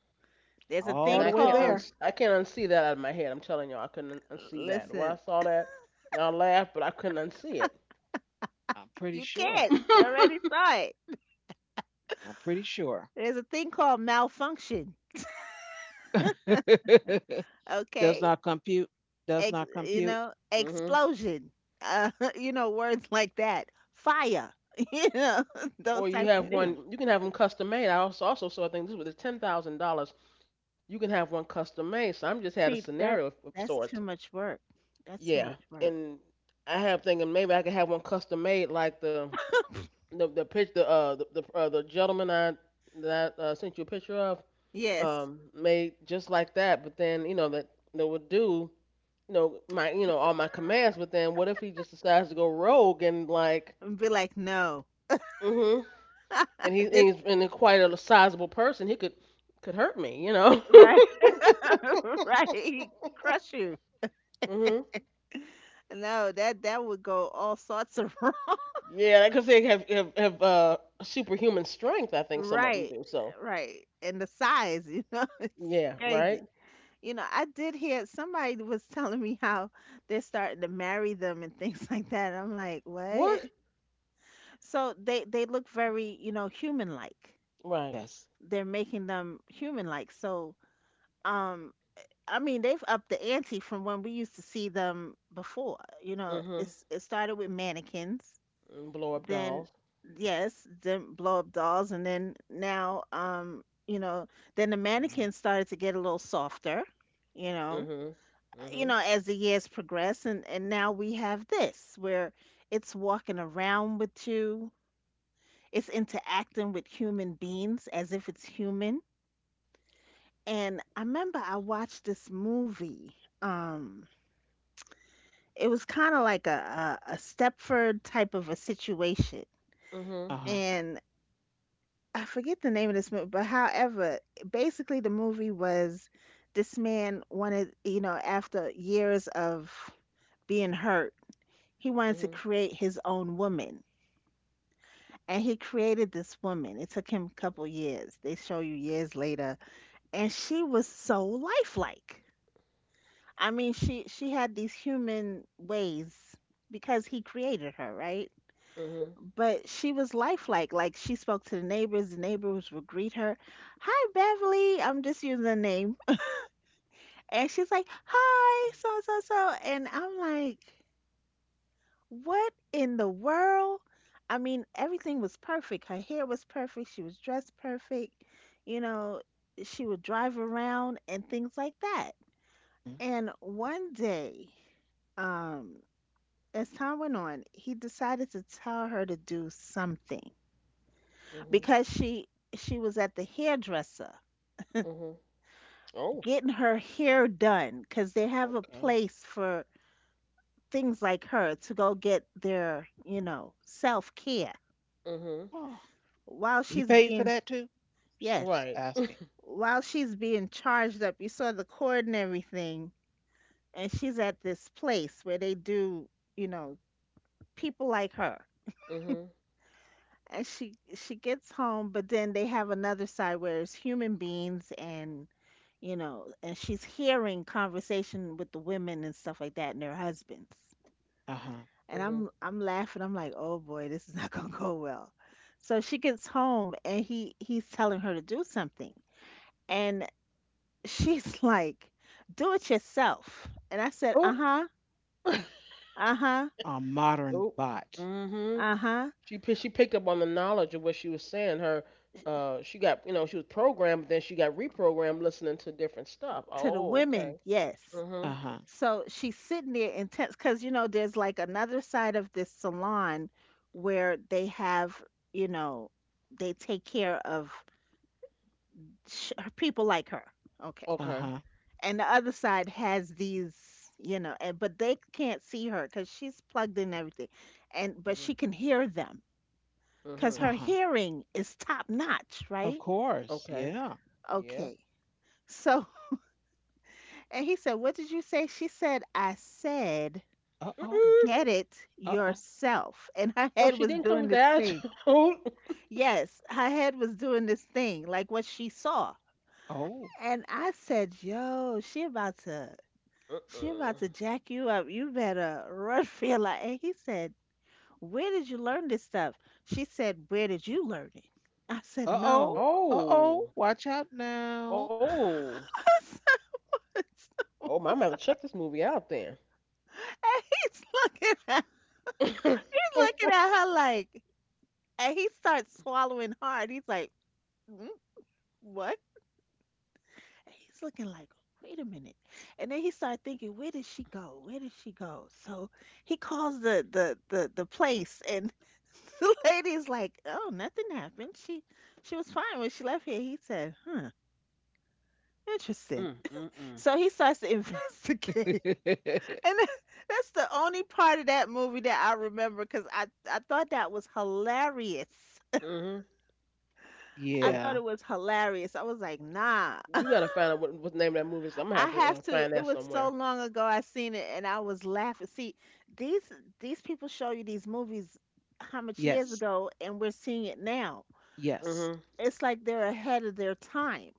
Speaker 3: There's a
Speaker 2: And
Speaker 1: all
Speaker 3: thing
Speaker 1: the way
Speaker 3: called,
Speaker 1: there.
Speaker 2: I can't unsee that out of my head. I'm telling y'all, I couldn't unsee that. When I
Speaker 3: listen,
Speaker 2: saw that, I laughed, but I couldn't unsee it.
Speaker 1: I'm pretty
Speaker 3: you
Speaker 1: sure.
Speaker 3: can't. You already saw it.
Speaker 1: I'm pretty sure.
Speaker 3: There's a thing called malfunction.
Speaker 1: Does
Speaker 3: Okay?
Speaker 1: not compute. Does not
Speaker 3: You
Speaker 1: compute.
Speaker 3: know,
Speaker 2: mhm.
Speaker 3: explosion. Uh, you know, words like that. Fire. You know, those
Speaker 2: Or you
Speaker 3: type
Speaker 1: Yeah.
Speaker 3: of
Speaker 2: have
Speaker 3: things.
Speaker 2: one, you can have them custom made. I also saw a thing. This was a $10,000. You can have one custom made. So I'm just had a
Speaker 3: See,
Speaker 2: scenario
Speaker 3: that
Speaker 2: of sorts.
Speaker 3: that's too much work. That's too
Speaker 2: Yeah,
Speaker 3: much work.
Speaker 2: and I have thinking maybe I could have one custom made like the pitch the gentleman I, sent you a picture of
Speaker 3: Yes.
Speaker 2: made just like that. But then you know that that would do you know my you know all my commands. But then what if he just decides to go rogue and like
Speaker 3: And be like, no.
Speaker 2: mm-hmm, and
Speaker 3: This
Speaker 2: he's and quite a sizable person. He Could hurt me, you know.
Speaker 3: right. Right. Crush you.
Speaker 2: hmm.
Speaker 3: No, that would go all sorts of wrong.
Speaker 2: Yeah, because they have superhuman strength. I think some of them
Speaker 3: Right,
Speaker 2: do. So
Speaker 3: right. And the size, you know, it's
Speaker 2: yeah, right.
Speaker 3: crazy. You know, I did hear somebody was telling me how they're starting to marry them and things like that. I'm like,
Speaker 2: What?
Speaker 3: what? So they look very, you know, human-like.
Speaker 2: Right.
Speaker 1: Yes.
Speaker 3: They're making them human-like. So, um, I mean, they've upped the ante from when we used to see them before. You know,
Speaker 2: hmm.
Speaker 3: it's it started with mannequins
Speaker 2: And blow up
Speaker 3: then
Speaker 2: dolls.
Speaker 3: yes, then blow up dolls, and then now, you know, then the mannequins started to get a little softer, you know,
Speaker 2: hmm.
Speaker 3: you
Speaker 2: hmm.
Speaker 3: know, as the years progress, and now we have this where it's walking around with you, it's interacting with human beings as if it's human. And I remember I watched this movie. Um, it was kind of like a, a Stepford type of a situation,
Speaker 2: hmm. hmm.
Speaker 1: Uh huh.
Speaker 3: and I forget the name of this movie, but however, basically the movie was this man wanted, you know, after years of being hurt, he wanted to create his own woman. And he created this woman. It took him a couple years. They show you years later. And she was so lifelike. I mean, she had these human ways because he created her, right?
Speaker 2: hmm.
Speaker 3: But she was lifelike. Like she spoke to the neighbors would greet her, "Hi, Beverly." I'm just using the name, and she's like, "Hi, so so so," and I'm like, "What in the world?" I mean, everything was perfect. Her hair was perfect. She was dressed perfect. You know, she would drive around and things like that. And one day, um, as time went on, he decided to tell her to do something.
Speaker 2: hmm.
Speaker 3: Because she was at the hairdresser
Speaker 2: hmm. Oh.
Speaker 3: getting her hair done because they have a
Speaker 2: Okay.
Speaker 3: place for things like her to go get their, you know, self care
Speaker 2: hmm.
Speaker 1: Oh,
Speaker 3: while
Speaker 1: he
Speaker 3: she's
Speaker 1: paid for
Speaker 3: being
Speaker 1: that too.
Speaker 3: yes
Speaker 1: Just
Speaker 2: Right.
Speaker 1: asking.
Speaker 3: while she's being charged up, you saw the cord and everything, and she's at this place where they do, you know, people like her.
Speaker 2: hmm.
Speaker 3: And she gets home, but then they have another side where it's human beings and, you know, and she's hearing conversation with the women and stuff like that and their husbands.
Speaker 1: Uh huh.
Speaker 3: And
Speaker 2: hmm.
Speaker 3: I'm laughing. I'm like, "Oh boy, this is not going to go well." So she gets home and he's telling her to do something. And she's like, "Do it yourself." And I said,
Speaker 2: Oh.
Speaker 3: "Uh-huh. Uh-huh.
Speaker 1: A
Speaker 2: oh.
Speaker 1: modern bot.
Speaker 2: hmm.
Speaker 3: Uh-huh."
Speaker 2: She picked up on the knowledge of what she was saying. Her she got you know she was programmed, but then she got reprogrammed listening to different stuff.
Speaker 3: To the
Speaker 2: Oh,
Speaker 3: women,
Speaker 2: okay.
Speaker 3: yes.
Speaker 2: Mhm.
Speaker 1: Uh huh.
Speaker 3: So she's sitting there intense because you know there's like another side of this salon where they have, you know, they take care of her people like her. Okay.
Speaker 1: Uh
Speaker 2: Okay.
Speaker 1: huh.
Speaker 3: And the other side has these, you know, and but they can't see her because she's plugged in everything, and but
Speaker 2: Mhm.
Speaker 3: she can hear them because
Speaker 1: Uh
Speaker 2: Mhm.
Speaker 3: her
Speaker 1: huh.
Speaker 3: hearing is top notch, right?
Speaker 1: Of course.
Speaker 2: Okay.
Speaker 1: Yeah.
Speaker 2: Yeah.
Speaker 3: Okay. So, and he said, "What did you say?" She said, "I said,
Speaker 1: Uh oh.
Speaker 2: Mm-mm.
Speaker 3: get it
Speaker 1: Uh oh.
Speaker 3: yourself." And her
Speaker 2: Oh,
Speaker 3: head
Speaker 2: she
Speaker 3: was
Speaker 2: didn't come
Speaker 3: doing
Speaker 2: with the
Speaker 3: this
Speaker 2: attitude.
Speaker 3: thing. Yes, her head was doing this thing, like what she saw.
Speaker 1: Oh.
Speaker 3: And I said, "Yo, she about to." She
Speaker 2: Mm-mm.
Speaker 3: about to jack you up. You better run for your life. And he said, Where did you learn this stuff? She said, Where did you learn it? I said,
Speaker 1: Uh
Speaker 3: No.
Speaker 1: oh. Uh oh.
Speaker 2: Oh.
Speaker 1: Watch out now.
Speaker 2: Oh.
Speaker 3: And
Speaker 2: Oh, my mother check this movie out then.
Speaker 3: he's looking at
Speaker 2: mm,
Speaker 3: he's looking at her like and he starts swallowing hard. He's like, "Mm, what? And he's looking like, wait a minute. And then he started thinking, where did she go? Where did she go? So he calls the place and the lady's like, Oh, nothing happened. She was fine when she left here. He said, Huh,
Speaker 2: mm,
Speaker 3: interesting.
Speaker 2: mm.
Speaker 3: So he starts to investigate. And that- that's the only part of that movie that I remember because I thought that was hilarious.
Speaker 2: Mhm.
Speaker 3: I
Speaker 2: Hmm.
Speaker 3: thought
Speaker 1: Yeah.
Speaker 3: it was hilarious. I was like, nah.
Speaker 2: You gotta find out what the name of that movie is. I'm gonna
Speaker 3: I
Speaker 2: have to
Speaker 3: have to.
Speaker 2: find
Speaker 3: It
Speaker 2: that
Speaker 3: was so
Speaker 2: somewhere.
Speaker 3: long ago I seen it and I was laughing. See, these these people show you these movies how much years
Speaker 1: Yes.
Speaker 3: ago and we're seeing it now.
Speaker 1: Yes.
Speaker 2: Mhm.
Speaker 3: It's like they're ahead of their time,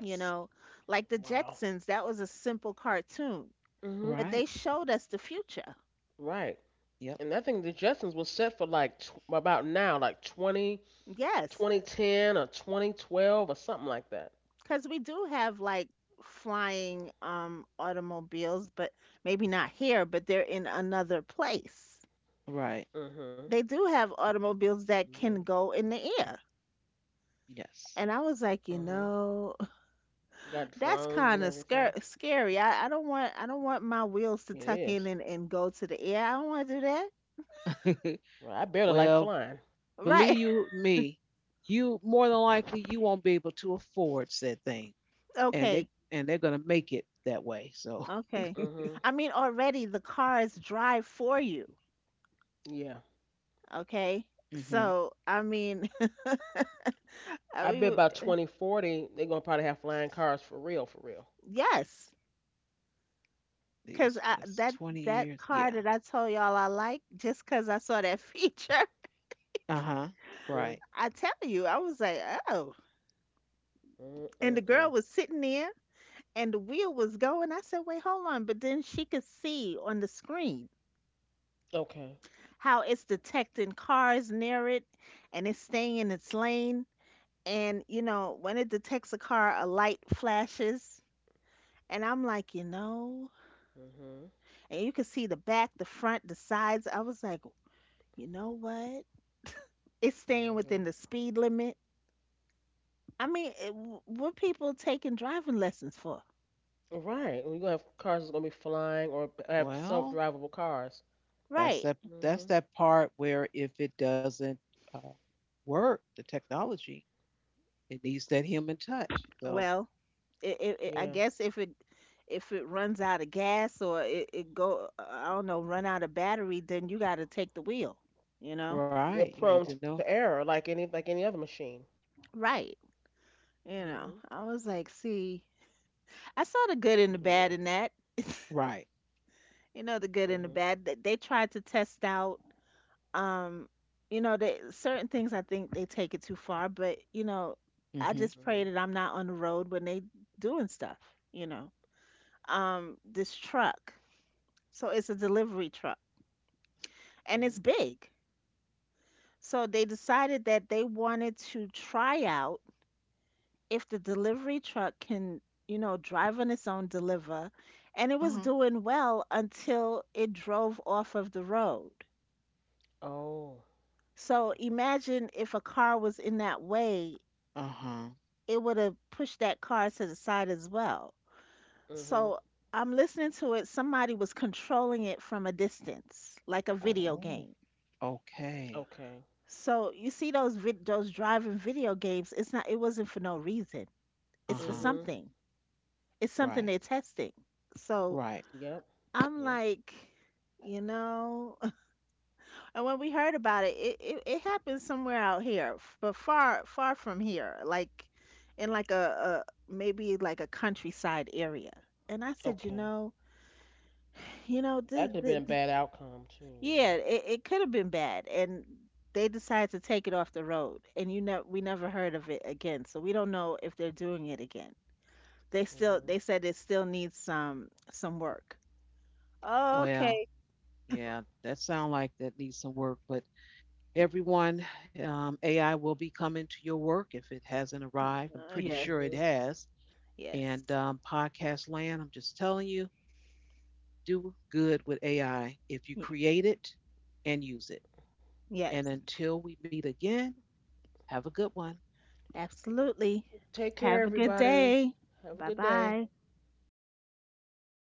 Speaker 3: you know? Like the
Speaker 2: Wow.
Speaker 3: Jetsons, that was a simple cartoon, but they
Speaker 1: Right.
Speaker 3: showed us the future.
Speaker 2: Right.
Speaker 1: Yep.
Speaker 2: And I think the Jetsons was set for like about now, like 20
Speaker 3: Yes,
Speaker 2: 2010 or 2012 or something like that.
Speaker 3: cuz we do have like flying automobiles, but maybe not here, but they're in another place.
Speaker 1: Right.
Speaker 2: hmm.
Speaker 3: They do have
Speaker 2: hmm.
Speaker 3: automobiles that can go in the air. And
Speaker 1: Yes.
Speaker 3: I was
Speaker 2: hmm.
Speaker 3: like, you know,
Speaker 2: Got drones and
Speaker 3: that's
Speaker 2: everything.
Speaker 3: kind of scary. Scary. I don't want. I don't want my
Speaker 2: It
Speaker 3: wheels to
Speaker 2: is.
Speaker 3: tuck in and go to the air. I don't want to do that.
Speaker 2: Well, I barely like flying.
Speaker 1: Well, believe
Speaker 3: Right.
Speaker 1: you me, you more than likely you won't be able to afford said thing, and they
Speaker 3: Okay.
Speaker 1: and they're gonna make it that way. So,
Speaker 3: Okay.
Speaker 2: hmm.
Speaker 3: I mean, already the cars drive for you.
Speaker 2: Yeah.
Speaker 3: Okay.
Speaker 1: hmm,
Speaker 3: So I mean, I
Speaker 2: I
Speaker 3: mean,
Speaker 2: bet by 2040, they're going to probably have flying cars for real, for real.
Speaker 3: yes, because
Speaker 1: these, that's
Speaker 3: that
Speaker 1: 20
Speaker 3: that
Speaker 1: years.
Speaker 3: car
Speaker 1: Yeah.
Speaker 3: that I told y'all I like just because I saw that feature.
Speaker 1: Uh-huh. Right.
Speaker 2: Mm-hmm.
Speaker 3: I tell you, I was like, oh. And the girl was
Speaker 2: Mm-mm-mm.
Speaker 3: sitting there and the wheel was going. I said, wait, hold on. But then she could see on the screen
Speaker 2: Okay.
Speaker 3: how it's detecting cars near it and it's staying in its lane. And, you know, when it detects a car, a light flashes. And I'm like, you know,
Speaker 2: hmm.
Speaker 3: and you can see the back, the front, the sides. I was like, you know what? It's staying within the
Speaker 2: hmm.
Speaker 3: speed limit. I mean, it, what people taking driving lessons for?
Speaker 2: Right. We're going to have cars that's going to be flying or have
Speaker 1: Well,
Speaker 2: self-drivable cars.
Speaker 3: Right.
Speaker 1: that's that
Speaker 2: hmm.
Speaker 1: part where if it doesn't uh, work, the technology, it needs that human touch. So,
Speaker 3: Well, I guess
Speaker 2: Yeah.
Speaker 3: if it runs out of gas or it go I don't know run out of battery, then you got to take the wheel. You know,
Speaker 1: right,
Speaker 2: They're
Speaker 1: you need
Speaker 2: prone
Speaker 1: to
Speaker 2: to
Speaker 1: know.
Speaker 2: error, like any other machine.
Speaker 3: right?
Speaker 2: Mhm.
Speaker 3: You know, I was like, see, I saw the good and the
Speaker 2: Yeah.
Speaker 3: bad in that.
Speaker 1: Right.
Speaker 3: You know, the good
Speaker 2: Mhm.
Speaker 3: and the bad. That they tried to test out. Um, you know, they, certain things I think they take it too far, but you know, I
Speaker 1: Hmm.
Speaker 3: just
Speaker 2: Mhm.
Speaker 3: pray that I'm not on the road when they doing stuff. You know, this truck. So it's a delivery truck and
Speaker 2: Mhm.
Speaker 3: it's big. So they decided that they wanted to try out if the delivery truck can, you know, drive on its own, deliver. And it was
Speaker 1: Uh-huh.
Speaker 3: doing well until it drove off of the road.
Speaker 2: Oh.
Speaker 3: So
Speaker 2: Okay.
Speaker 3: imagine if a car was in that way,
Speaker 1: Uh-huh.
Speaker 3: it would have pushed that car to the side as well.
Speaker 2: Mhm.
Speaker 3: So I'm listening to it. Somebody was controlling it from a distance, like a video
Speaker 1: Oh,
Speaker 3: game.
Speaker 1: okay.
Speaker 2: Okay.
Speaker 3: So you see those driving video games. It's not. It wasn't for no reason. It's for
Speaker 1: Uh-huh.
Speaker 2: Mhm.
Speaker 3: something. It's
Speaker 1: Right.
Speaker 3: something they're testing. So
Speaker 1: Right.
Speaker 2: Yep.
Speaker 3: I'm
Speaker 2: Yep.
Speaker 3: like, you know, and when we heard about it, it, happened somewhere out here, but far, far from here, like in like a maybe like a countryside area. And I said, you know,
Speaker 2: Okay.
Speaker 3: you know,
Speaker 2: That could have been a bad outcome too,
Speaker 3: yeah,
Speaker 2: you know.
Speaker 3: it could have been bad. And they decided to take it off the road, and you know, we never heard of it again. So we don't know if they're doing it again. They still, they
Speaker 2: Mhm.
Speaker 3: said it still needs some work. Oh,
Speaker 1: Well,
Speaker 3: Okay.
Speaker 1: yeah, that sounds like that needs some work. But everyone, AI will be coming to your work if it hasn't arrived. I'm pretty
Speaker 3: Yes.
Speaker 1: sure it
Speaker 2: Mhm.
Speaker 1: has. And
Speaker 3: Yes.
Speaker 1: podcast land, I'm just telling you, do good with AI if you
Speaker 3: Ye-
Speaker 1: create it and use it. And
Speaker 3: Yes.
Speaker 1: until we meet again, have a good one.
Speaker 3: Absolutely.
Speaker 2: Take
Speaker 3: Have a
Speaker 2: care,
Speaker 3: good day.
Speaker 2: everybody.
Speaker 3: Bye
Speaker 2: Have a good
Speaker 3: bye.
Speaker 2: day.